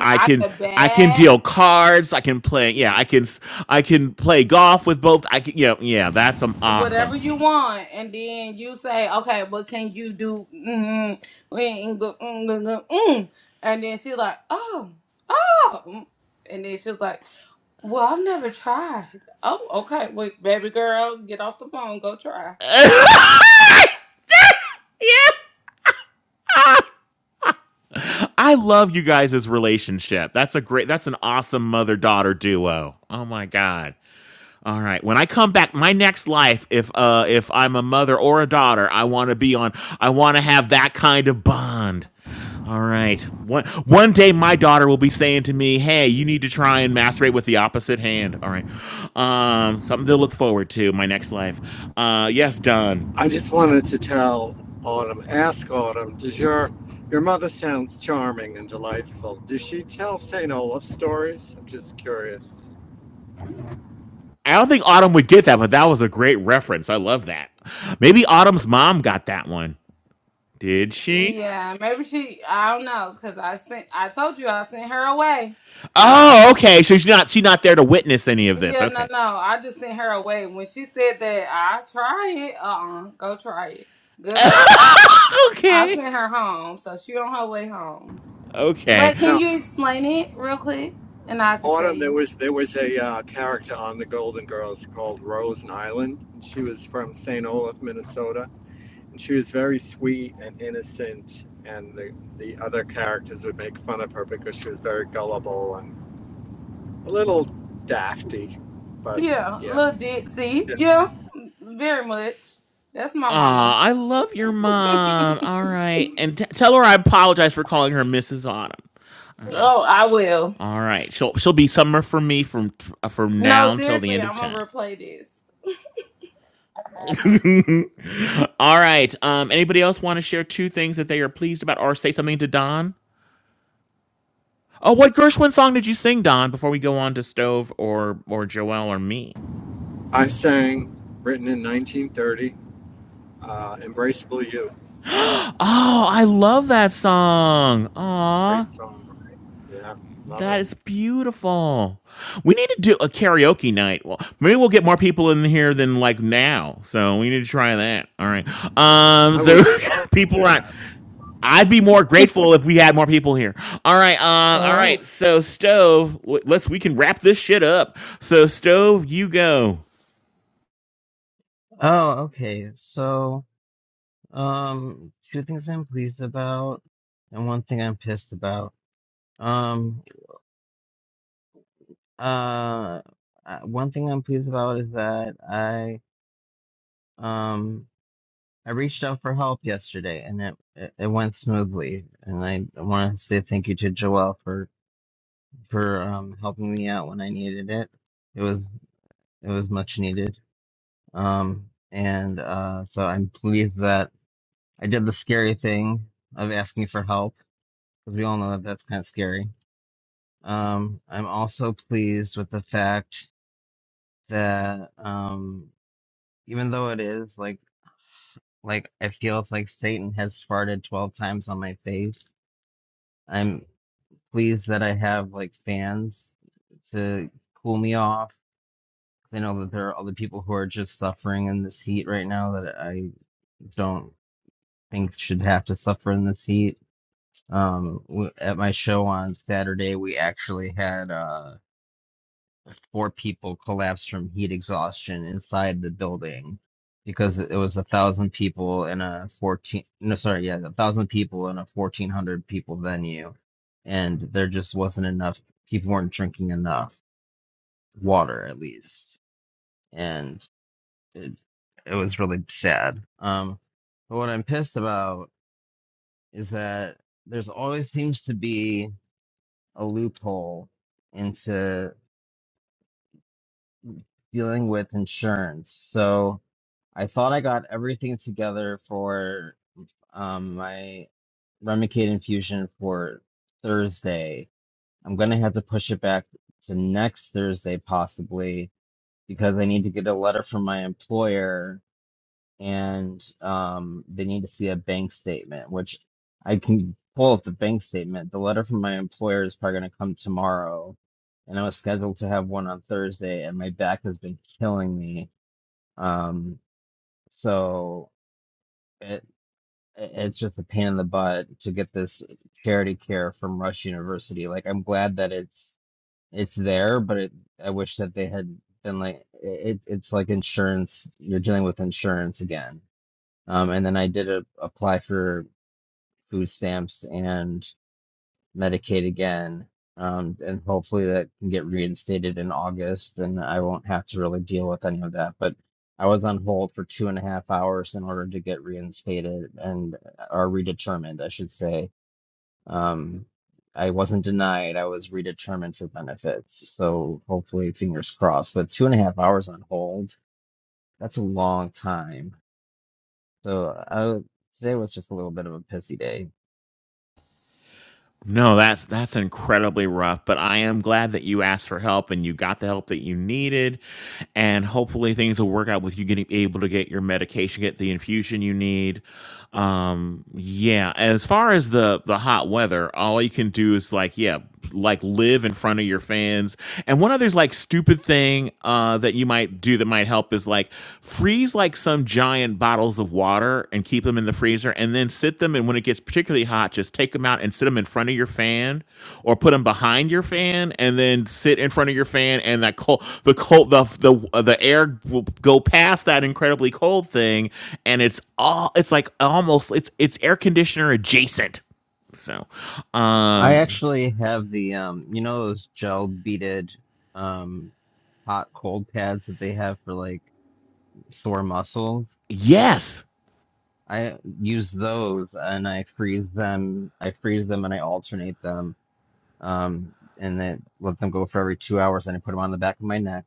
I
I
can
could
I can
bat.
deal cards, I can play yeah I can s- I can play golf with both I can you know yeah that's um, awesome.
whatever you want, and then you say, okay, what can you do? Mm, mm, mm, mm, mm. And then she's like, oh, oh. mm. And then she's like, well, I've never tried. Oh, okay. Wait, baby girl, get off the phone, go try.
yeah, I love you guys' relationship. That's a great that's an awesome mother daughter duo. Oh my god. All right. When I come back, my next life, if uh if I'm a mother or a daughter, I want to be on. I want to have that kind of bond. All right. One one day, my daughter will be saying to me, "Hey, you need to try and masturbate with the opposite hand." All right. Um, something to look forward to. My next life. Uh, yes, Don.
I just wanted to tell Autumn, ask Autumn, does your your mother sounds charming and delightful. Does she tell St. Olaf stories? I'm just curious.
I don't think Autumn would get that, but that was a great reference. I love that. Maybe Autumn's mom got that one. Did she?
Yeah, maybe she, I don't know, because I sent, I told you I sent her away.
Oh, okay. So she's not she's not there to witness any of this.
Yeah, no,
Okay.
no, I just sent her away. When she said that, I try it, uh-uh, go try it. Goodbye. I
okay.
sent her home, so she on her way home.
Okay.
But can
No,
you explain it real quick? And I could tell
Autumn. There
you.
was there was a uh, character on the Golden Girls called Rose Nyland. and She was from St. Olaf, Minnesota she was very sweet and innocent and the, the other characters would make fun of her because she was very gullible and a little dafty but
Yeah,
yeah
little Dixie. Yeah, very much. That's my mama.
Ah, I love your mom. All right, and t- tell her I apologize for calling her Mrs. Autumn.
oh, I will.
All right, she'll she'll be summer for me from from
No,
now until the
seriously,
end of
I'm gonna
time.
replay this.
All right. Um, anybody else want to share two things that they are pleased about, or say something to Don? Oh, what Gershwin song did you sing, Don? Before we go on to Stove or or Joel or me.
i sang written in 1930 uh, embraceable you
oh, I love that song.
great
Aw.
song right? yeah love it
That is beautiful. We need to do a karaoke night. Well, maybe we'll get more people in here than like now. So we need to try that. All right. Um.
i
So
would love
people
that
are. I'd be more grateful if we had more people here. All right. Uh. All
Oh.
right. So stove. w- Let's. We can wrap this shit up. So stove, you go.
Oh, okay, so. Um, two things I'm pleased about, and one thing I'm pissed about. Um, uh, uh, one thing I'm pleased about is that I um I reached out for help yesterday, and it it, it went smoothly. And I want to say thank you to Joelle for for um helping me out when I needed it. It was it was much needed. Um, and uh, so I'm pleased that I did the scary thing of asking for help because we all know that that's kind of scary Um, I'm also pleased with the fact that um, even though it is like like I feel it's like Satan has farted 12 times on my face, I'm pleased that I have like fans to cool me off. 'Cause I know that there are other people who are just suffering in this heat right now that I don't think should have to suffer in this heat. Um, w- at my show on Saturday, we actually had uh four people collapsed from heat exhaustion inside the building because it was a thousand people in a 14 no sorry yeah a thousand people in a 1400 people venue and there just wasn't enough people weren't drinking enough water at least and it, it was really sad um but what i'm pissed about is that there's always seems to be a loophole into dealing with insurance so I thought I got everything together for um my Remicade infusion for Thursday. I'm gonna have to push it back to next Thursday possibly because I need to get a letter from my employer and um they need to see a bank statement, which I can pull up the bank statement. The letter from my employer is probably gonna come tomorrow, and I was scheduled to have one on Thursday, and my back has been killing me. Um, so. it- it's just a pain in the butt to get this charity care from Rush University. Like I'm glad that it's it's there, but it, I wish that they had been like it, it's like insurance. You're dealing with insurance again. Um, and then I did a, apply for food stamps and Medicaid again. Um, and hopefully that can get reinstated in August, and I won't have to really deal with any of that. But I was on hold for two and a half hours in order to get reinstated and uh, or redetermined, I should say. Um, I wasn't denied; I was redetermined for benefits. So hopefully, fingers crossed. But two and a half hours on hold—that's a long time. So I, today was just a little bit of a pissy day.
No, that's that's incredibly rough, but I am glad that you asked for help and you got the help that you needed and hopefully things will work out with you getting able to get your medication, get the infusion you need. Um yeah, as far as the the hot weather, all you can do is like yeah, like live in front of your fans. And one other like stupid thing uh that you might do that might help is like freeze like some giant bottles of water and keep them in the freezer and then sit them in and when it gets particularly hot, just take them out and sit them in front of your fan, or put them behind your fan, and then sit in front of your fan, and that cold, the cold, the the uh, the air will go past that incredibly cold thing, and it's all it's like almost it's it's air conditioner adjacent. So,
I
um,
actually have the um, you know those gel beaded um hot cold pads that they have for like sore muscles.
yes.
I use those and I freeze them. I freeze them and I alternate them. Um, and then let them go for every two hours and I put them on the back of my neck.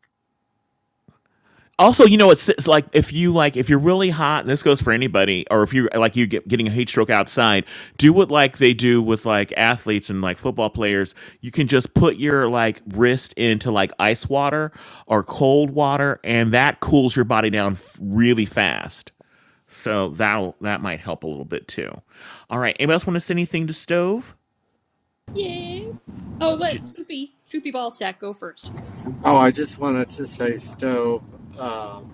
also, you know, it's, it's like if you like if you're really hot, and this goes for anybody, or if you are like you get getting a heat stroke outside, do what like they do with like athletes and like football players. You can just put your like wrist into like ice water or cold water, and that cools your body down f- really fast. So that that might help a little bit too. All right, anybody else want to send anything to stove?
Yeah. Oh, let
J-
Droopy, Droopy Ballsack go first.
oh i just wanted to say stove um,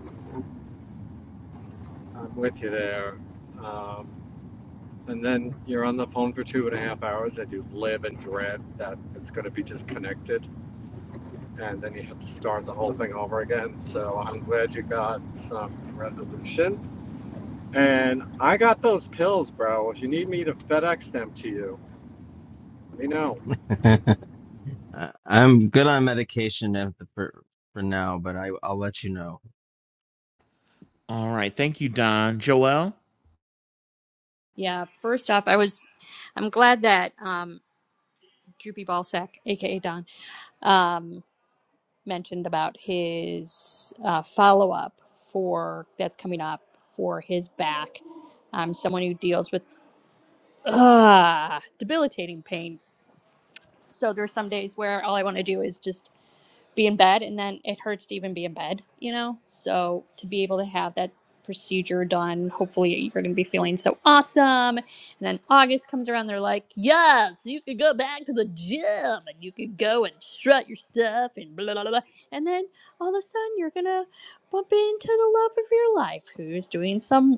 i'm with you there um, and then you're on the phone for two and a half hours and you live in dread that it's going to be disconnected and then you have to start the whole thing over again. So I'm glad you got some resolution. And I got those pills, bro. If you need me to FedEx them to you, let me know.
I- I'm good on medication if the, for for now, but I I'll let you know.
All right, thank you, Don. Joelle.
Yeah. First off, I was. I'm glad that um, Droopy Ballsack, aka Don, um. mentioned about his uh, follow up for that's coming up for his back. I'm someone who deals with uh, debilitating pain. So there's some days where all I want to do is just be in bed and then it hurts to even be in bed, you know? So to be able to have that procedure done, hopefully you're going to be feeling so awesome. And then August comes around, they're like, yes, you could go back to the gym and you could go and strut your stuff and blah, blah, blah. blah." And then all of a sudden you're going to bump into the love of your life who's doing some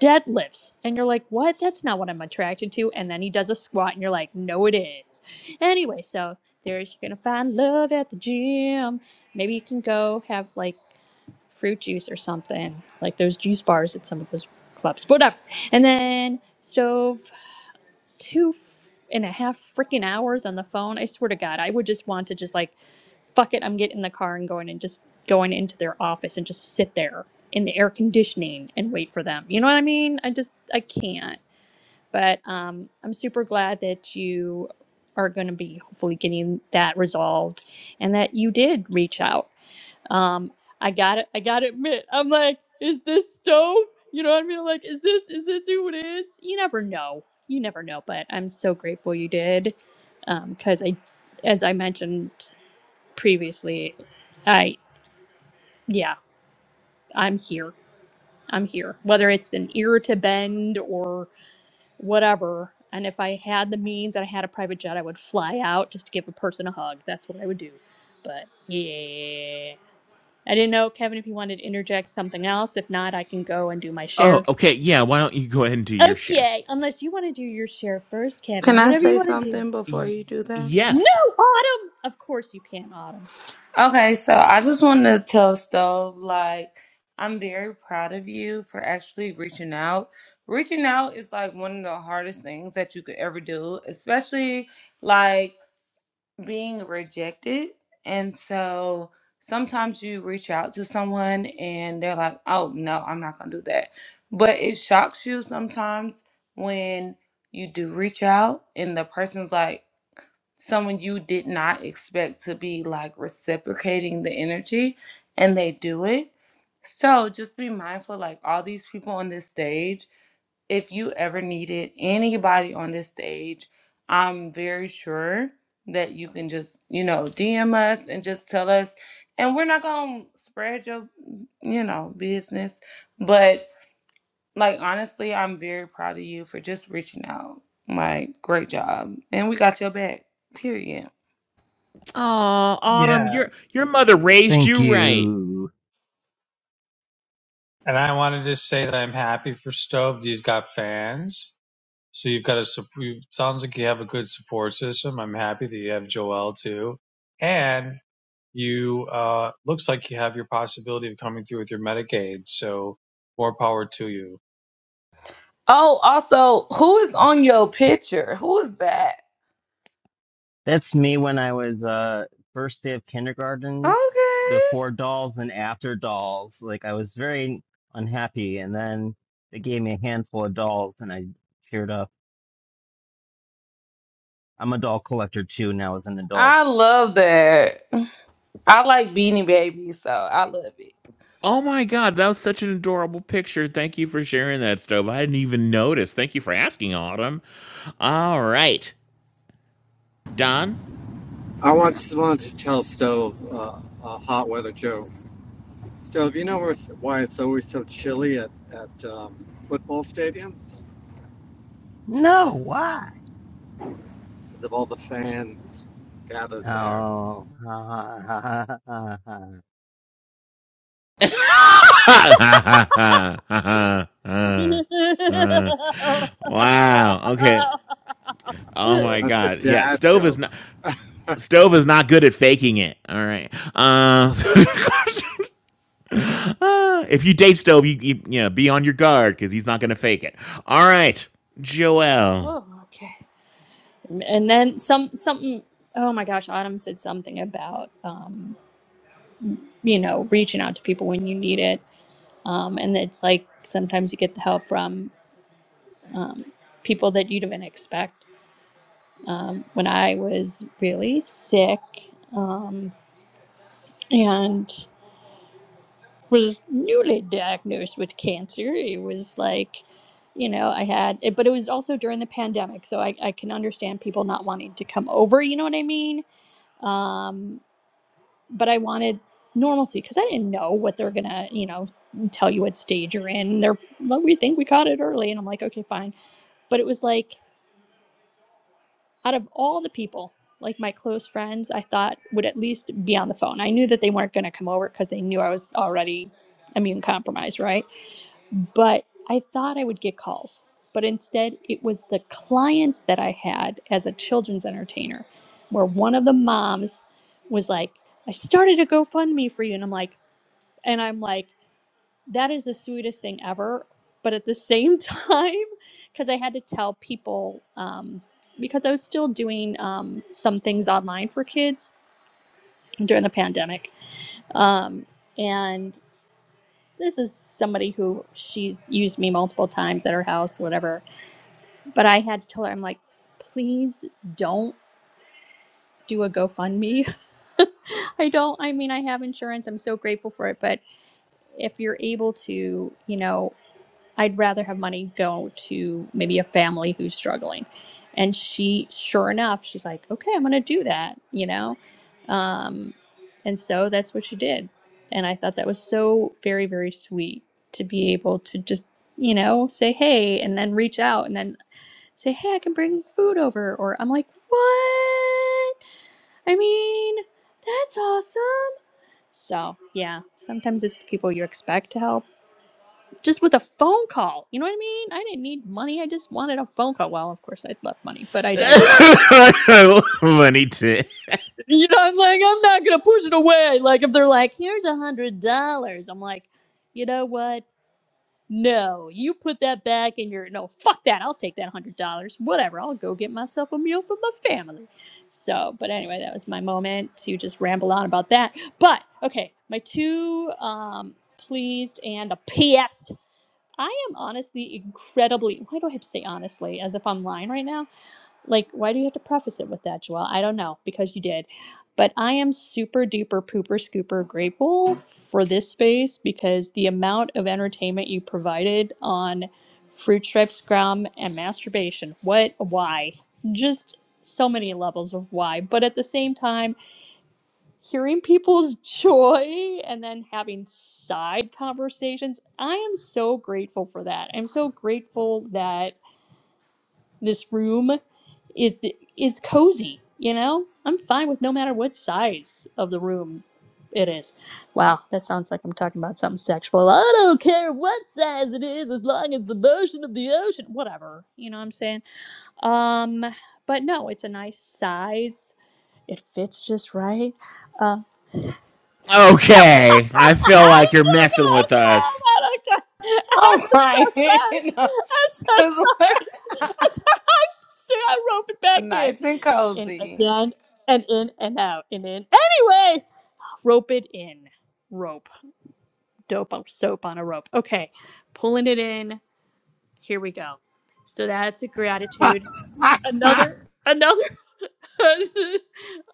deadlifts and you're like what that's not what i'm attracted to and then he does a squat and you're like no it is anyway so there's you're gonna find love at the gym maybe you can go have like fruit juice or something like those juice bars at some of those clubs whatever and then stove two f- and a half freaking hours on the phone. I swear to God, I would just want to just like, fuck it, I'm getting in the car and going and just going into their office and just sit there in the air conditioning and wait for them. You know what I mean? I just, I can't. But um, I'm super glad that you are going to be hopefully getting that resolved and that you did reach out um, I got to I got to admit, I'm like, is this stove? You know what I mean? I'm like, is this is this who it is? You never know. You never know. But I'm so grateful you did, because I, as I mentioned previously, I yeah, I'm here. I'm here. Whether it's an ear to bend or whatever. And if I had the means and I had a private jet, I would fly out just to give a person a hug. That's what I would do. But yeah. I didn't know, Kevin, if you wanted to interject something else. If not, I can go and do my
Oh,
share.
okay, yeah. Why don't you go ahead and do your share?
Okay, unless you want to do your share first, Kevin.
Can I
Whatever you
say
want to do.
something before
Y-
you do that?
No,
yes.
Autumn! Of course you can, Autumn.
Okay, so I just want to tell Stove, like, I'm very proud of you for actually reaching out. Reaching out is like one of the hardest things that you could ever do, especially like being rejected. And so sometimes you reach out to someone and they're like, oh, no, I'm not going to do that. But it shocks you sometimes when you do reach out and the person's like, someone you did not expect to be like reciprocating the energy and they do it. So just be mindful like all these people on this stage if you ever needed anybody on this stage, I'm very sure that you can just, you know, DM us and just tell us. And we're not going to spread your, you know, business. But like, honestly, I'm very proud of you for just reaching out. Like, great job. And we got your back, period.
Oh, Autumn,
Yeah.
your your mother raised
Thank
you right.
you.
And I wanted to say that I'm happy for Stove. He's got fans So you've got a sup- sounds like you have a good support system. I'm happy that you have Joel too, and you uh, looks like you have your possibility of coming through with your Medicaid. So more power to you,
Oh, also, who is on your picture? Who is that?
That's me when I was uh first day of kindergarten,
Okay.
before dolls and after dolls. Like I was very unhappy, and then they gave me a handful of dolls, and I cheered up. I'm a doll collector too now as an adult.
I love that. I like Beanie Baby, so I love it.
Oh my God, that was such an adorable picture. Thank you for sharing that, Stove. I didn't even notice. Thank you for asking, Autumn. All right, Don.
I once wanted to tell Stove uh, a hot weather joke. Stove, you know why it's always so chilly at, at um, football stadiums?
No, why?
Because of all the fans gathered there.
Oh, ha ha ha ha ha. ha.
wow. Okay. Oh my
That's a
God. Yeah,
dad
Stove is
joke.
not Stove is not good at faking it. All right. Uh, Ah, if you date Stove, you, you, you know, be on your guard because he's not going to fake it. All right, Joelle.
oh, okay. And then some something oh my gosh, Autumn said something about um, you know, reaching out to people when you need it. Um, and it's like sometimes you get the help from um, people that you didn't expect. um, when I was really sick um, and was newly diagnosed with cancer. It was like, you know, I had, it, but it was also during the pandemic. So I, I can understand people not wanting to come over, you know what I mean? Um, but I wanted normalcy because I didn't know what they're going to, you know, tell you what stage you're in. They're, "Well, we think we caught it early. And I'm like, okay, fine. But it was like, out of all the people, like my close friends, I thought would at least be on the phone. I knew that they weren't going to come over because they knew I was already immune compromised, right? But I thought I would get calls. But instead, it was the clients that I had as a children's entertainer, where one of the moms was like, I started a GoFundMe for you. And I'm like, and I'm like, that is the sweetest thing ever. But at the same time, because I had to tell people, um, because I was still doing um, some things online for kids during the pandemic. Um, and this is somebody who she's used me multiple times at her house, whatever. But I had to tell her, I'm like, please don't do a GoFundMe. I don't, I mean, I have insurance. I'm so grateful for it. But if you're able to, you know, I'd rather have money go to maybe a family who's struggling. And she, sure enough, she's like, okay, I'm going to do that, you know? Um, and so that's what she did. And I thought that was so very, very sweet to be able to just, you know, say, hey, and then reach out and then say, hey, I can bring food over. Or I'm like, what? I mean, that's awesome. So, yeah, sometimes it's the people you expect to help just with a phone call. You know what I mean? I didn't need money. I just wanted a phone call. Well, of course, I'd love money, but I digress.
Money to.
You know, I'm like, I'm not gonna push it away. Like, if they're like, here's a hundred dollars, I'm like, you know what? No, you put that back in your no. Fuck that. I'll take that hundred dollars. Whatever. I'll go get myself a meal for my family. So, but anyway, that was my moment to just ramble on about that. But okay, my two um pleased and a pissed I am honestly incredibly. Why do I have to say honestly as if I'm lying right now? Like, why do you have to preface it with that, Joelle? I don't know because you did. But I am super duper pooper scooper grateful for this space because the amount of entertainment you provided on fruit strips, scrum, and masturbation. What? Why? Just so many levels of why. But at the same time, hearing people's joy and then having side conversations. I am so grateful for that. I'm so grateful that this room is the, is cozy, you know? I'm fine with no matter what size of the room it is. Wow, that sounds like I'm talking about something sexual. I don't care what size it is as long as the motion of the ocean, whatever. You know what I'm saying? Um but no, it's a nice size. It fits just right Um,
Okay, I feel
I
like you're
can't,
messing
I
with us.
can't, I can't.
I'm
I'm so
crying.
sorry. I'm so sorry. I can't- I rope it back in.
nice and
in
cozy.
again, and in and out, and in. Anyway, rope it in. Rope. Dope on soap on a rope. Okay, pulling it in. Here we go. So that's a gratitude. Another, another.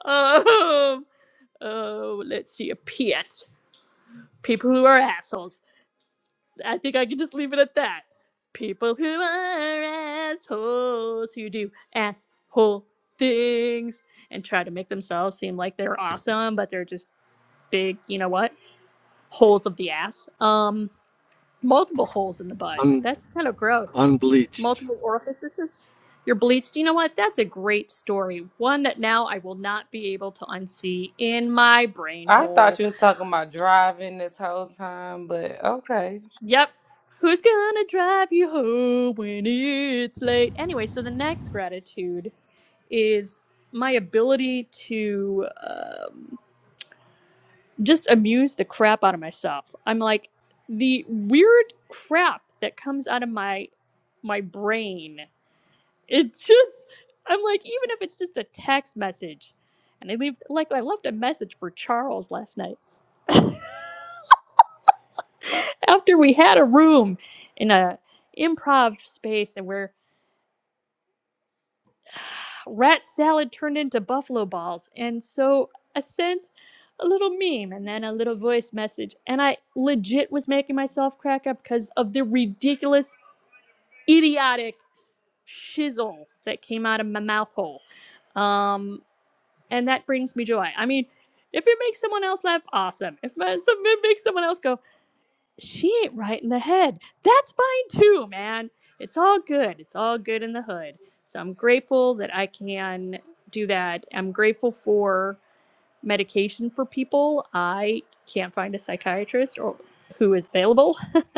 um, oh, let's see. A PS. People who are assholes. I think I can just leave it at that. People who are assholes who do asshole things and try to make themselves seem like they're awesome, but they're just big, you know what? Holes of the ass. Um, multiple holes in the butt.
Un-
That's kind of gross.
unbleached.
Multiple orifices. You're bleached. You know what? That's a great story. One that now I will not be able to unsee in my brain
I
hole.
thought you was talking about driving this whole time, but okay.
Yep. Who's gonna drive you home when it's late? Anyway, so the next gratitude is my ability to um, just amuse the crap out of myself. I'm like the weird crap that comes out of my my brain. It just I'm like even if it's just a text message. And I leave like I left a message for Charles last night after we had a room in a improv space and we're rat salad turned into buffalo balls. And so I sent a little meme and then a little voice message. And I legit was making myself crack up because of the ridiculous, idiotic shizzle that came out of my mouth hole. Um, and that brings me joy. I mean, if it makes someone else laugh, awesome. If it makes someone else go, she ain't right in the head. That's fine too, man. It's all good. It's all good in the hood. So I'm grateful that I can do that. I'm grateful for medication for people. I can't find a psychiatrist or who is available.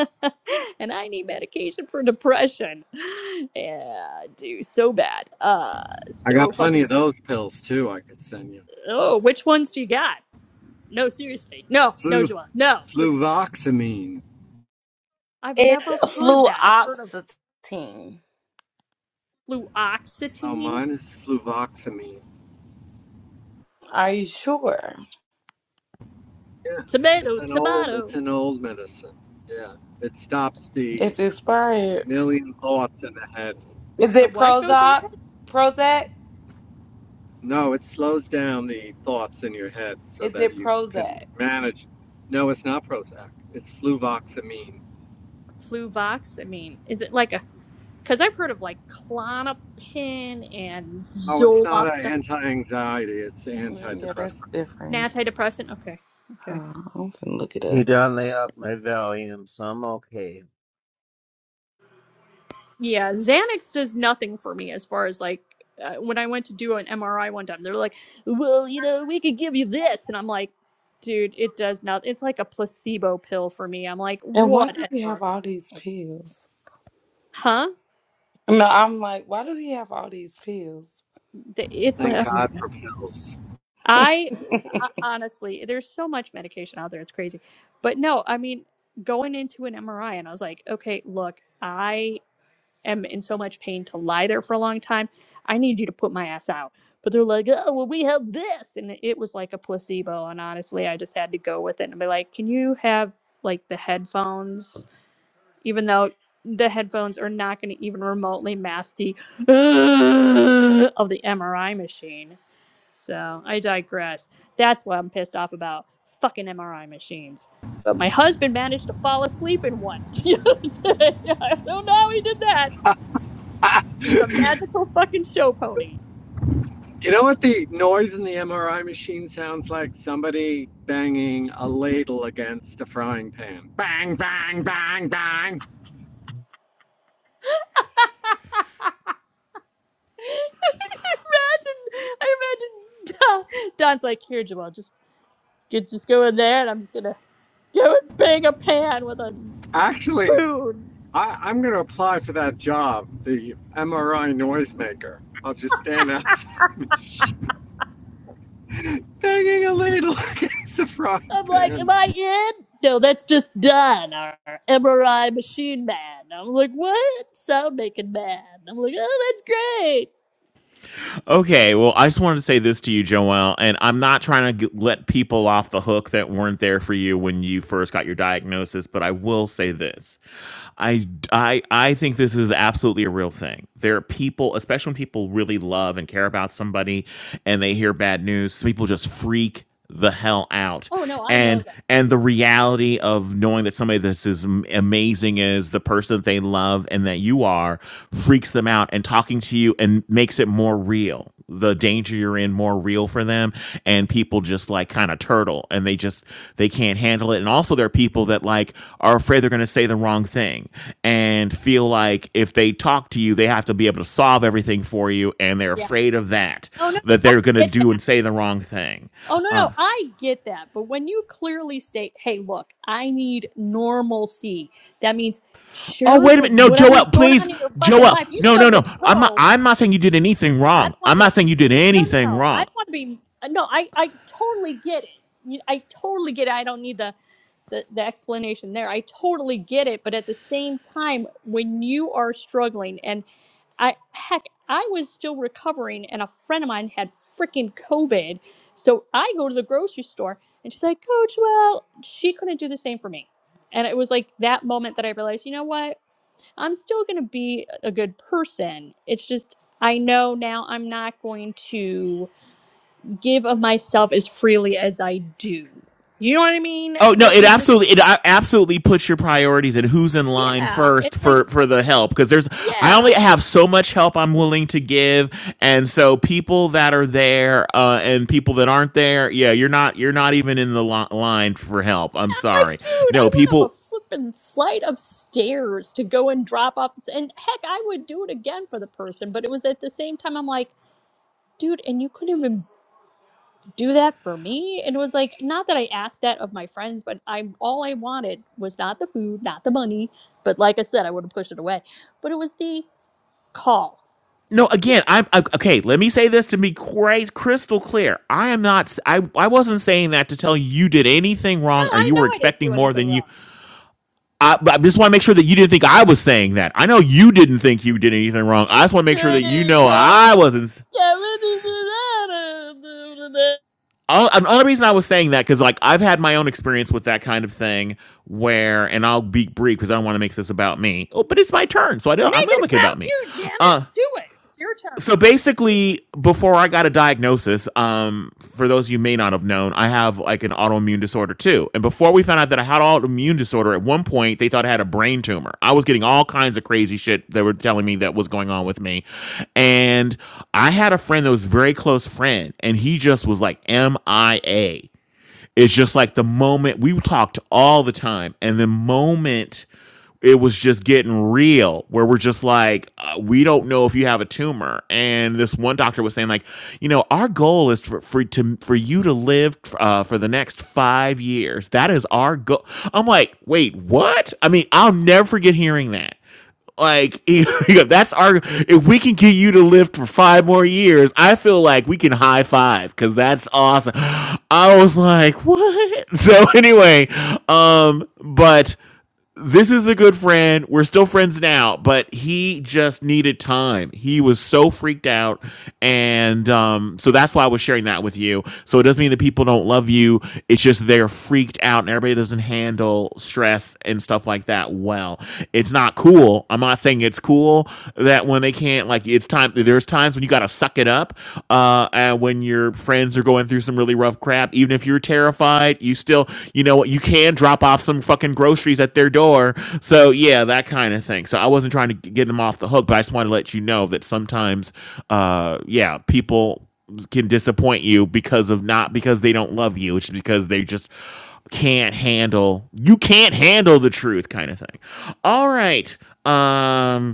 and I need medication for depression. Yeah, I do so bad. Uh
I
so
got
fucking
plenty of
bad.
those pills too, I could send you.
Oh, which ones do you got? No, seriously. No, no,
Flu,
Joel. No. Push.
fluvoxamine.
I've
It's
never heard that. I've heard of.
fluoxetine.
Oh,
fluoxetine,
mine is fluvoxamine.
Are you sure?
Yeah, it's
tomato,
an old, it's
tomato.
an old medicine. Yeah, it stops the
It's expired.
million thoughts in the head.
Is
The
it
what goes in
It's
Prozac?
it?
Prozac?
no, it slows down the thoughts in your head so
Is
that
it
you can
Prozac?
manage. No, it's not Prozac. It's fluvoxamine.
Fluvoxamine. Is it like a? Because I've heard of like clonopin and
Oh, it's not
Zoloft
an
stuff.
anti-anxiety. It's
Mm, Yeah, that's
antidepressant.
An
different.
antidepressant. Okay. Okay.
Oh, I'm gonna look it up.
You don't lay up my volume, so I'm okay.
Yeah, Xanax does nothing for me as far as like uh, when I went to do an MRI one time. They're like, "Well, you know, we could give you this," and I'm like, "Dude, it does not. It's like a placebo pill for me." I'm like,
And why do we have
"Whatever."
all these pills?
Huh?
No, I'm like, why do we have all these pills?
The- It's like,
Thank
oh my god.
God for pills.
I uh, honestly, there's so much medication out there, it's crazy. But no, I mean, going into an MRI, and I was like, okay, look, I am in so much pain to lie there for a long time. I need you to put my ass out. But they're like, oh, well, we have this. And it was like a placebo. And honestly, I just had to go with it and be like, can you have like the headphones even though the headphones are not going to even remotely mask the uh, of the MRI machine. So I digress. That's what I'm pissed off about. Fucking MRI machines. But my husband managed to fall asleep in one the other day. I don't know how he did that. He's a magical fucking show pony.
You know what the noise in the MRI machine sounds like? Somebody banging a ladle against a frying pan. Bang, bang, bang, bang.
I imagine, I imagine Don, Don's like, here, Joel, just, ju- just go in there, and I'm just gonna Go and bang a pan with a
Actually,
spoon.
I, I'm going to apply for that job, the MRI noisemaker. I'll just stand outside the machine, banging a ladle against the frying
I'm like, am
pan.
I in? No, that's just done. Our our MRI machine man. I'm like, what? Sound making man. I'm like, oh, that's great.
Okay, well, I just wanted to say this to you, Joelle, and I'm not trying to let people off the hook that weren't there for you when you first got your diagnosis, but I will say this. I, I, I think this is absolutely a real thing. There are people, especially when people really love and care about somebody and they hear bad news, some people just freak the hell out.
Oh no, I know
And
that.
and the reality of knowing that somebody that's as am- amazing as the person that they love and that you are freaks them out and talking to you and makes it more real the danger you're in more real for them and people just like kind of turtle and they just they can't handle it and also there are people that like are afraid they're going to say the wrong thing and feel like if they talk to you they have to be able to solve everything for you and they're
Yeah.
afraid of that
Oh no,
that
I
they're going to
get
do
that.
and say the wrong thing
Oh no,
uh
no, I get that. But when you clearly state, hey, look, I need normalcy. That means
Oh
share
wait a
the
minute! No, Joel,
whatever's going
please,
on in your fucking
Joel.
life. You
No, no,
stubbed a
no. I'm
toe.
not. I'm not saying you did anything
I
wrong.
don't want
I'm
you to.
not saying you did
No, no,
anything
no. I
wrong.
don't want to be. No, I, I totally get it. You- I totally get it. I don't need the, the, the explanation there. I totally get it. But at the same time, when you are struggling, and I, heck, I was still recovering, and a friend of mine had freaking COVID. So I go to the grocery store, and she's like, Coach, well, she couldn't do the same for me. And it was like that moment that I realized, you know what? I'm still going to be a good person. It's just I know now I'm not going to give of myself as freely as I do. You know what I mean?
Oh no!
Where
It
you just
absolutely it uh, absolutely puts your priorities and who's in line
yeah,
first
it's
for
like don't-
for the help because there's I only
yeah.
have so much help I'm willing to give, and so people that are there uh, and people that aren't there, yeah, you're not you're not even in the li- line for help. I'm
I'm like,
sorry.
dude,
No
I went up a
people.
flippin' flight of stairs to go and drop off this, and heck, I would do it again for the person. But it was at the same time, I'm like, dude, and you couldn't even do that for me and it was like not that i asked that of my friends but i'm all i wanted was not the food not the money but like i said i would have pushed it away but it was the call
No, again, I'm I- okay. Let me say this to be quite crystal clear. I am not. I I wasn't saying that to tell you you did anything
no
wrong or
i
you
know
were
i didn't do
expecting more
anything
than you.
wrong
I, I just want to make sure that you didn't think I was saying that. I know you didn't think you did anything wrong. I just want to make sure that you
Doing
know
wrong.
I wasn't. s- Uh, Another reason I was saying that because like I've had my own experience with that kind of thing where, and I'll be brief because I don't want to make this about me. Oh, but it's my turn, so I don't. I'm
make
gonna
it
make it
about
about me.
you damn it
Uh,
do it it's your turn
so basically before i got a diagnosis um, for those of you may not have known i have like an autoimmune disorder too and before we found out that i had autoimmune disorder at one point they thought i had a brain tumor i was getting all kinds of crazy shit they were telling me that was going on with me and i had a friend that was a very close friend and he just was like mia it's just like the moment we talked all the time and the moment it was just getting real where we're just like uh, we don't know if you have a tumor and this one doctor was saying like you know our goal is for, for to for you to live uh, for the next five years that is our goal i'm like wait what i mean i'll never forget hearing that like that's our if we can get you to live for five more years i feel like we can high five because that's awesome i was like what so anyway um but this is a good friend. We're still friends now, but he just needed time. He was so freaked out. And um, so that's why I was sharing that with you. So it doesn't mean that people don't love you. It's just they're freaked out and everybody doesn't handle stress and stuff like that well. It's not cool. I'm not saying it's cool that when they can't like it's time there's times when you gotta suck it up uh and when your friends are going through some really rough crap even if you're terrified you still you know what you can drop off some fucking groceries at their door so yeah that kind of thing so i wasn't trying to get them off the hook but i just wanted to let you know that sometimes uh yeah people can disappoint you because of not because they don't love you it's because they just can't handle you can't handle the truth kind of thing all right um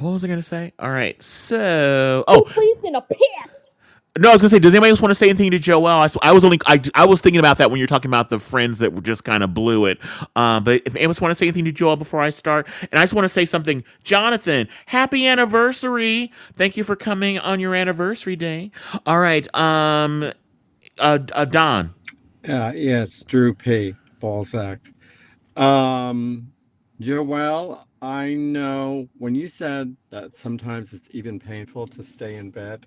what was I gonna say? All right, so
too
oh
pleased and a pissed
no, I was gonna say, does anybody else want to say anything to Joel? I, s- I was only I, I was thinking about that when you're talking about the friends that were just kind of blew it. Uh, but if anyone want to say anything to Joel before I start, and I just want to say something, Jonathan, happy anniversary! Thank you for coming on your anniversary day. All right, um, uh, uh Don.
Yeah, yeah, it's Drew P. Balzac. Um, Joelle, I know when you said that sometimes it's even painful to stay in bed,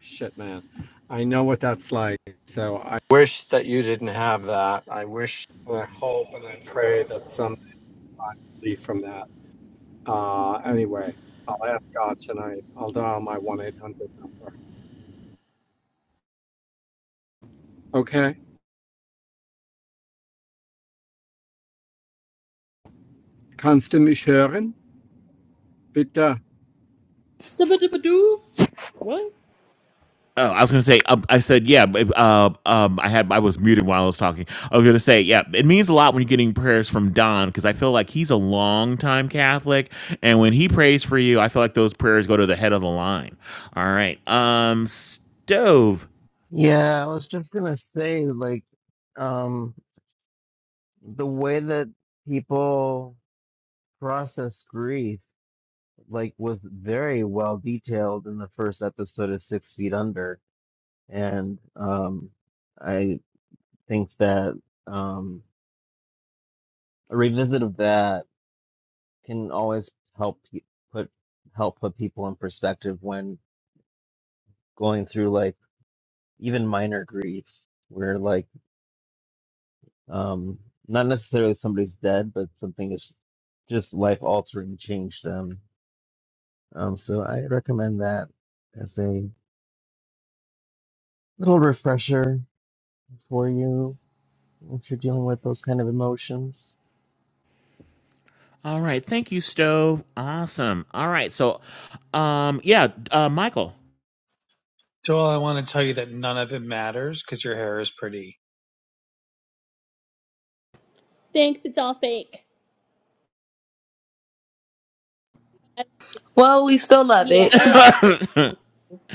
Shit, man. I know what that's like. So I wish that you didn't have that. I wish and I hope and I pray that someday I can leave from that. Uh, anyway, I'll ask God tonight. I'll dial my 1 800 number. Okay. Kannst du mich hören? Bitte.
Sub-a-dub-a-doo. what
Oh, I was gonna say. Um, I said, yeah. but, Uh, um, I had I was muted while I was talking. I was gonna say, yeah. It means a lot when you're getting prayers from Don because I feel like he's a long time Catholic, and when he prays for you, I feel like those prayers go to the head of the line. All right. Um, stove.
Yeah, I was just gonna say, like, um, the way that people process grief. like was very well detailed in the first episode of Six Feet Under, and um, I think that um, a revisit of that can always help pe- put help put people in perspective when going through like even minor grief, where like um, not necessarily somebody's dead, but something is just life altering changed them. Um, so I recommend that as a little refresher for you. If you're dealing with those kind of emotions,
All right. Thank you, stove. Awesome. All right. So, um, yeah. Uh, Michael.
Joel. I want to tell you that none of it matters because your hair is pretty.
thanks it's all fake I,
Well, we still love
yeah
it.
i love it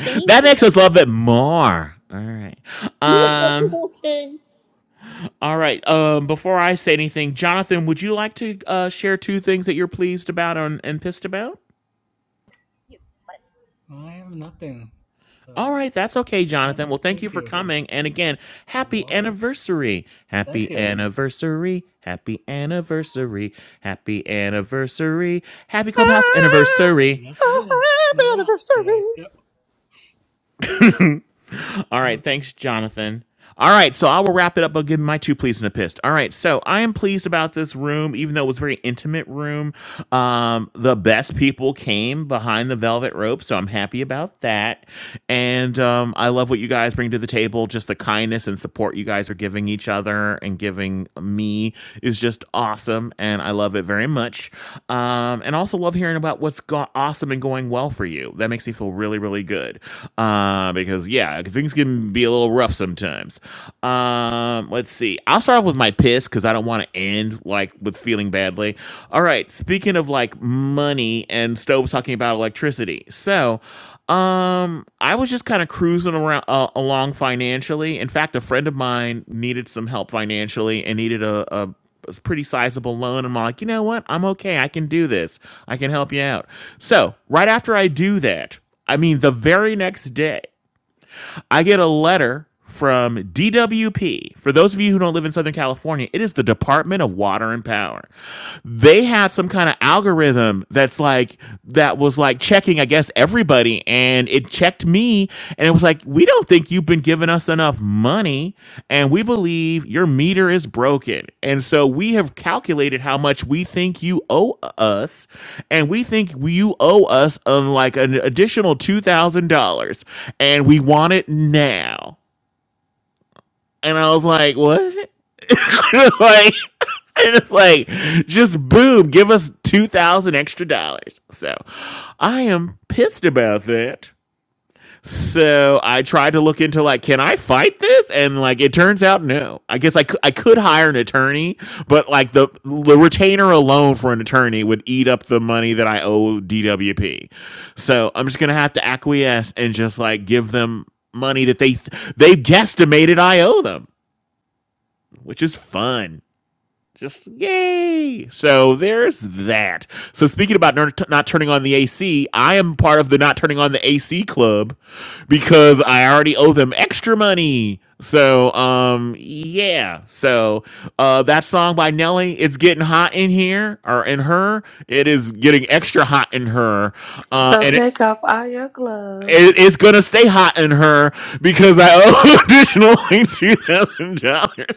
thank
That
you
makes
i
us
like
love it more. All right.
yeah
Um.
okay
All right. Um, before I say anything, Jonathan, would you like to uh, share two things that you're pleased about and, and pissed about?
Yes. I have nothing. So,
All right, that's okay,
no,
Jonathan. Well, thank you
thank
for
you.
coming. And again,
You're
happy
welcome.
anniversary.
Thank
Happy
you.
anniversary. Happy anniversary. Happy anniversary. Happy Clubhouse
Ah,
anniversary.
Yes,
a
it is.
happy
No doubt
anniversary.
today. Yep.
All right. Thanks, Jonathan. All right. So I will wrap it up by giving my two pleas and a pissed. All right. So I am pleased about this room, even though it was a very intimate room. Um, the best people came behind the velvet rope. So I'm happy about that. And um, I love what you guys bring to the table. Just the kindness and support you guys are giving each other and giving me is just awesome. And I love it very much. Um, and also love hearing about what's go- awesome and going well for you. That makes me feel really, really good. Uh, because, yeah, yeah, things can be a little rough sometimes. Um, let's see. I'll start off with my piss because I don't want to end like with feeling badly. All right. Speaking of like money and stoves talking about electricity. So um i was just kind of cruising around uh, along financially in fact a friend of mine needed some help financially and needed a, a a pretty sizable loan. I'm like, you know what? I'm okay. I can do this. I can help you out. So, right after I do that, I mean, the very next day, I get a letter from DWP. For those of you who don't live in Southern California, it is the Department of Water and Power. They had some kind of algorithm that's like that was like checking, I guess, everybody, and it checked me, and it was like, we don't think you've been giving us enough money, and we believe your meter is broken, and so we have calculated how much we think you owe us, and we think you owe us um, like an additional two thousand dollars and we want it now. And I was like, what? like, and it's like, just boom, give us two thousand extra dollars. So, I am pissed about that. So I tried to look into like, can I fight this? And like, it turns out no. I guess I could I could hire an attorney, but like the the retainer alone for an attorney would eat up the money that I owe DWP. So I'm just gonna have to acquiesce and just like give them money that they they guesstimated I owe them, which is fun. Just yay! So there's that. So speaking about not turning on the AC, I am part of the not turning on the AC club because I already owe them extra money. So um yeah. So uh that song by Nelly, it's getting hot in here or in her. It is getting extra hot in her. Uh
So
and it
take off all your
it,
gloves.
it's gonna stay hot in her because I owe additional two thousand dollars.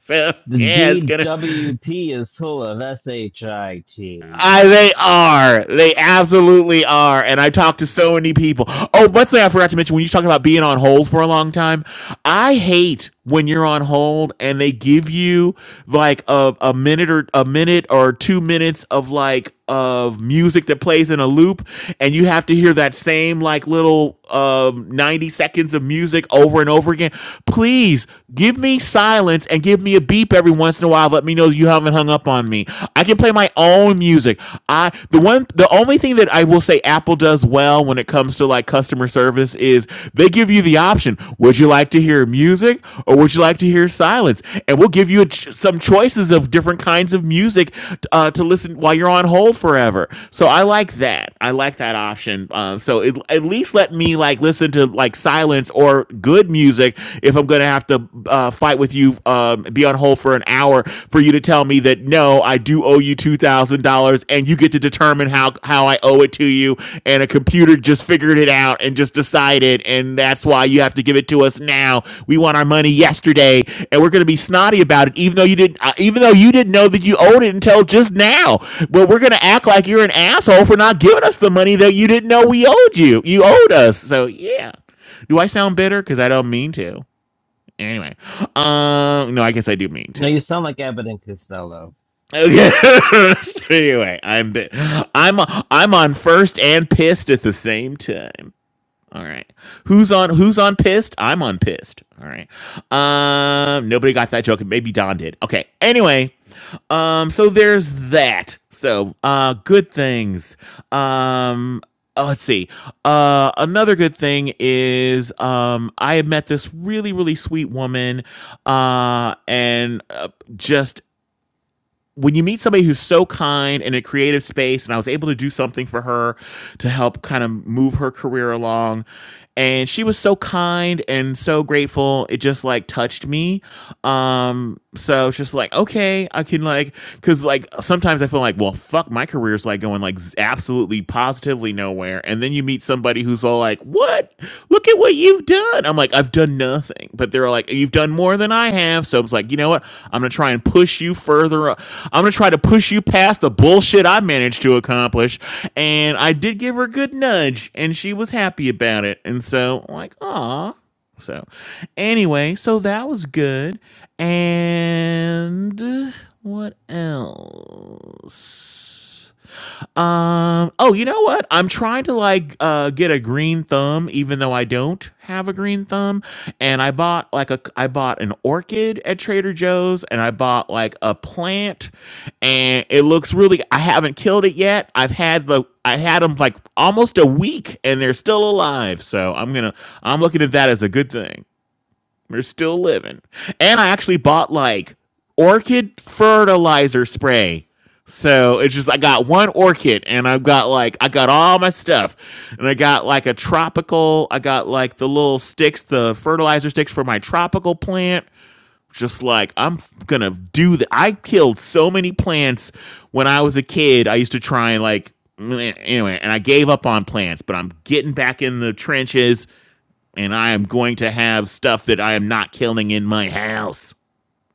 So
the
yeah, it's gonna
DWP is full of SHIT.
I, they are. They absolutely are. And I talked to so many people. Oh, one thing I forgot to mention when you talk about being on hold for a long time, I hate when you're on hold and they give you like a, a minute or a minute or two minutes of like of music that plays in a loop and you have to hear that same like little um 90 seconds of music over and over again please give me silence and give me a beep every once in a while let me know you haven't hung up on me i can play my own music i the one the only thing that i will say apple does well when it comes to like customer customer service is they give you the option would you like to hear music or would you like to hear silence and we'll give you a ch- some choices of different kinds of music uh, to listen while you're on hold forever so i like that i like that option uh, so it, at least let me like listen to like silence or good music if i'm gonna have to uh, fight with you um, be on hold for an hour for you to tell me that no, I do owe you two thousand dollars, and you get to determine how how I owe it to you. And a computer just figured it out and just decided, and that's why you have to give it to us now. We want our money yesterday, and we're going to be snotty about it, even though you didn't, uh, even though you didn't know that you owed it until just now. But we're going to act like you're an asshole for not giving us the money that you didn't know we owed you. You owed us, so yeah. Do I sound bitter? Because I don't mean to. Anyway, um, no, I guess I do mean to.
No, you sound like Abbott and Costello.
Okay. anyway, I'm I'm I'm on first and pissed at the same time. All right. Who's on who's on pissed? I'm on pissed. All right. Um nobody got that joke. Maybe Don did. Okay. Anyway, um so there's that. So, uh good things. Um uh, let's see. Uh, another good thing is um, I met this really, really sweet woman, uh, and uh, just when you meet somebody who's so kind in a creative space and i was able to do something for her to help kind of move her career along and she was so kind and so grateful it just like touched me um so it's just like okay i can like because like sometimes i feel like well fuck my career's like going like z- absolutely positively nowhere and then you meet somebody who's all like what look at what what you've done. I'm like, I've done nothing. But they're like, you've done more than I have. So I was like, you know what? I'm gonna try and push you further. up. I'm gonna try to push you past the bullshit I managed to accomplish. And I did give her a good nudge, and she was happy about it. And so I'm like, aw. So anyway, so that was good. And what else? Um. Oh, you know what? I'm trying to like uh get a green thumb, even though I don't have a green thumb. And I bought like a I bought an orchid at Trader Joe's, and I bought like a plant, and it looks really. I haven't killed it yet. I've had the I had them like almost a week, and they're still alive. So I'm gonna I'm looking at that as a good thing. We're still living. And I actually bought like orchid fertilizer spray. So it's just I got one orchid and I've got like I got all my stuff. And I got like a tropical, I got like the little sticks, the fertilizer sticks for my tropical plant. Just like I'm gonna do that. I killed so many plants when I was a kid. I used to try and like anyway, and I gave up on plants, but I'm getting back in the trenches and I am going to have stuff that I am not killing in my house.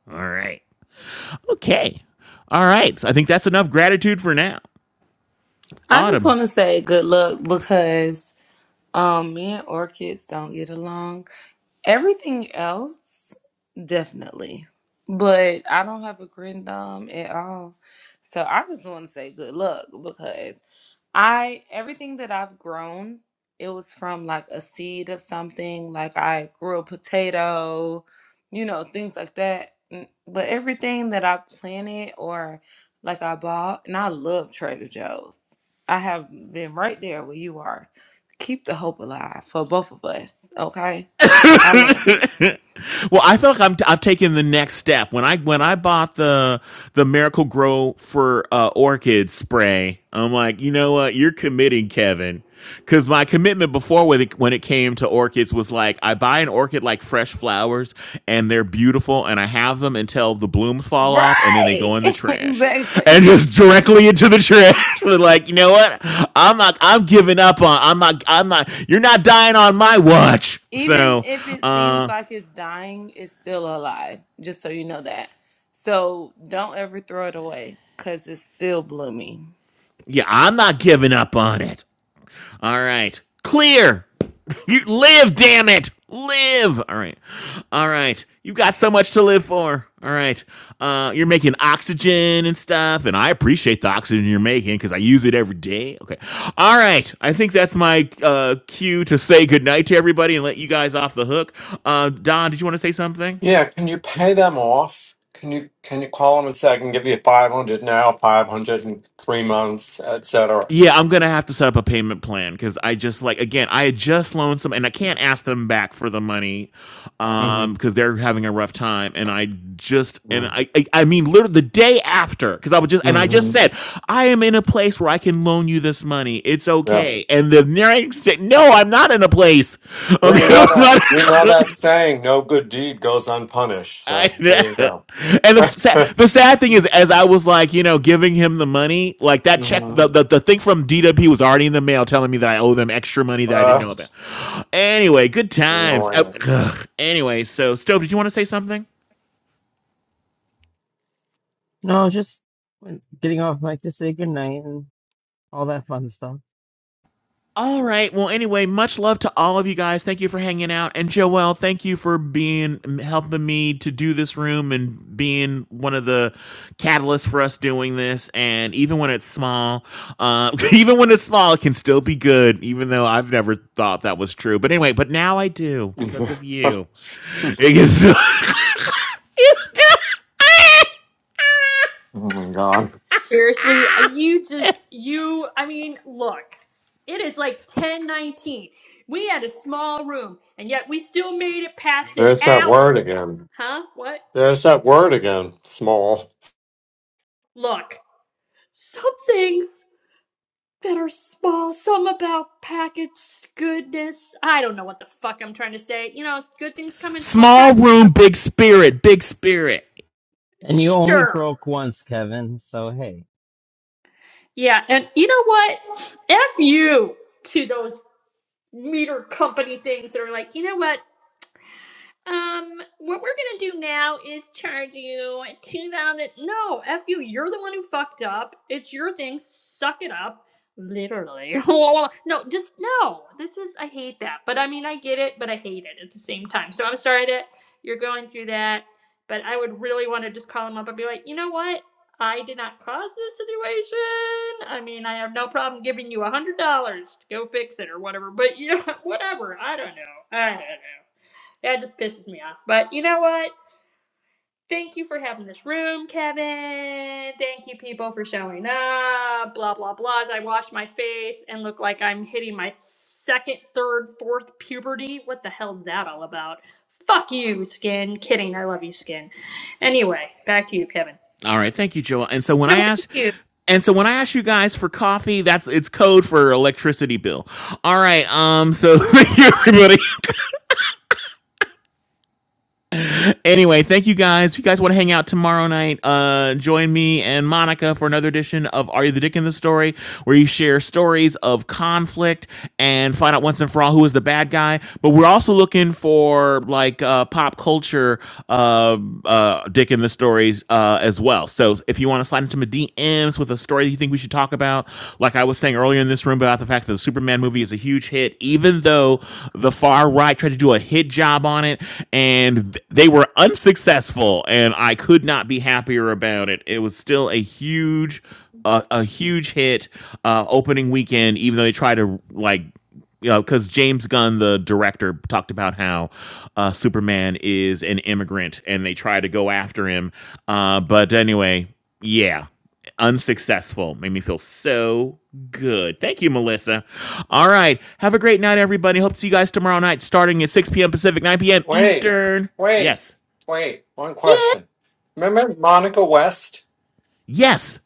All right. Okay. All right. So I think that's enough gratitude for now.
I just
Autumn.
want to say good luck because um, me and orchids don't get along. Everything else, definitely. But I don't have a green thumb at all. So I just want to say good luck because I everything that I've grown, it was from like a seed of something. Like I grew a potato, you know, things like that. Mm, But everything that I planted or like I bought, and I love Trader Joe's. I have been right there where you are. Keep the hope alive for both of us, okay? I love it.
well, I feel like I'm t- I've taken the next step when I when I bought the the Miracle Grow for uh, orchid spray. I'm like, you know what? You're committing, Kevin. Because my commitment before with it, when it came to orchids was like, I buy an orchid like fresh flowers and they're beautiful and I have them until the blooms fall off and then they go
Right.
in the trash and
exactly.
just directly into the trash. we like, you know what? I'm not, I'm giving up on, I'm not, I'm not, you're not dying on my watch.
Even
So,
if it seems
uh,
like it's dying, it's still alive, just so you know that. So don't ever throw it away because it's still blooming.
yeah, I'm not giving up on it. All right, clear. You live, damn it, live. All right, all right. You got so much to live for. All right, uh, you're making oxygen and stuff, and I appreciate the oxygen you're making because I use it every day. Okay, all right. I think that's my uh, cue to say goodnight to everybody and let you guys off the hook. Uh, Don, did you want to say something?
Yeah, can you pay them off? Can you can you call them and say I can give you five hundred now, five hundred in three months, etc.
Yeah, I'm gonna have to set up a payment plan because I just like again, I had just loaned some, and I can't ask them back for the money, um, because
Mm-hmm.
they're having a rough time, and I just and I I, I mean literally the day after because I was just and I just
Mm-hmm.
said I am in a place where I can loan you this money, it's okay, and the next day, no, I'm not in a place,
Well,
okay,
you know
I'm
that you know
not-
that saying, "No good deed goes unpunished."
I
So there you go.
and the sad, the sad thing is, as I was like, you know, giving him the money, like that check,
hmm
the, the the thing from DWP was already in the mail, telling me that I owe them extra money that I didn't
uh,
know about. Anyway, good times. Uh,
annoying.
ugh. Anyway, so Stove, did you want to say something?
No, just getting off mic to say goodnight and all that fun stuff.
All right. Well, anyway, much love to all of you guys. Thank you for hanging out. And Joelle, thank you for being helping me to do this room and being one of the catalysts for us doing this. And even when it's small, uh, even when it's small, it can still be good, even though I've never thought that was true. But anyway, but now I do because of
oh
you. It is
my god!
Seriously, uh, you just you I mean, look. It is like 10:19. We had a small room and yet we still made it past an
There's that
hour.
word again.
Huh? What?
There's that word again. Small.
Look. Some things that are small, some about packaged goodness. I don't know what the fuck I'm trying to say. You know, good things come in small
small
packages
room, big spirit, big spirit.
And you
sometimes.
only
Sure.
broke once, Kevin. So hey,
Yeah, and you know what? F you to those meter company things that are like, you know what? Um, what we're gonna do now is charge you two thousand. No, f you. You're the one who fucked up. It's your thing. Suck it up. Literally. no, just no. This is. I hate that. But I mean, I get it. But I hate it at the same time. So I'm sorry that you're going through that. But I would really want to just call him up and be like, you know what? I did not cause this situation. I mean, I have no problem giving you a hundred dollars to go fix it or whatever. But you know, whatever. I don't know. I don't know. That just pisses me off. But you know what? Thank you for having this room, Kevin. Thank you, people, for showing up. Blah, blah, blah. As I wash my face and look like I'm hitting my second, third, fourth puberty. What the hell's that all about? Fuck you, skin. Kidding. I love you, skin. Anyway, back to you, Kevin.
All right, thank you, Joel. And so when
No,
I
thank
asked,
you.
and so when I ask you guys for coffee, that's it's code for electricity bill. All right, um, so thank you everybody. anyway, thank you guys. If you guys want to hang out tomorrow night, uh, join me and Monica for another edition of Are You the Dick in the Story, where you share stories of conflict and find out once and for all who is the bad guy. But we're also looking for like uh, pop culture uh, uh, Dick in the Stories uh, as well. So if you want to slide into my DM DMs with a story you think we should talk about. Like I was saying earlier in this room about the fact that the Superman movie is a huge hit, even though the far right tried to do a hit job on it and th- they were unsuccessful. And I could not be happier about it. It was still a huge, uh, a huge hit uh, opening weekend, even though they tried to like you know, because James Gunn, the director, talked about how uh, Superman is an immigrant and they try to go after him. Uh, but anyway, yeah, unsuccessful. Made me feel so good. Thank you, Melissa. All right. Have a great night, everybody. Hope to see you guys tomorrow night starting at 6 p.m. Pacific, 9 p.m.
Wait,
Eastern.
wait,
Yes.
wait. One
Yeah,
question. Remember Monica West?
Yes.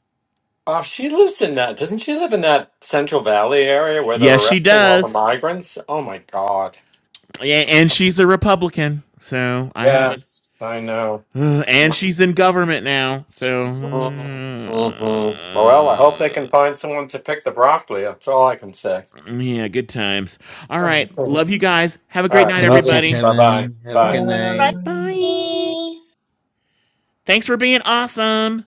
Oh, she lives in that. Doesn't she live in that Central Valley area where they're
Yes, she
arresting all the
does.
migrants? Oh my god.
Yeah, and she's a Republican. So I haven't.
Yes, I know.
Ugh, and she's in government now. So.
Mm-hmm.
mm,
Mm-hmm. Well, I hope they can find someone to pick the broccoli. That's all I can say.
yeah, good times. All right.
all
Love you guys. Have a great
right.
night,
love you
Love
too,
you.
everybody.
Bye-bye.
Kevin. Have a
Bye.
good night.
Um,
Bye.
right.
Thanks for being awesome.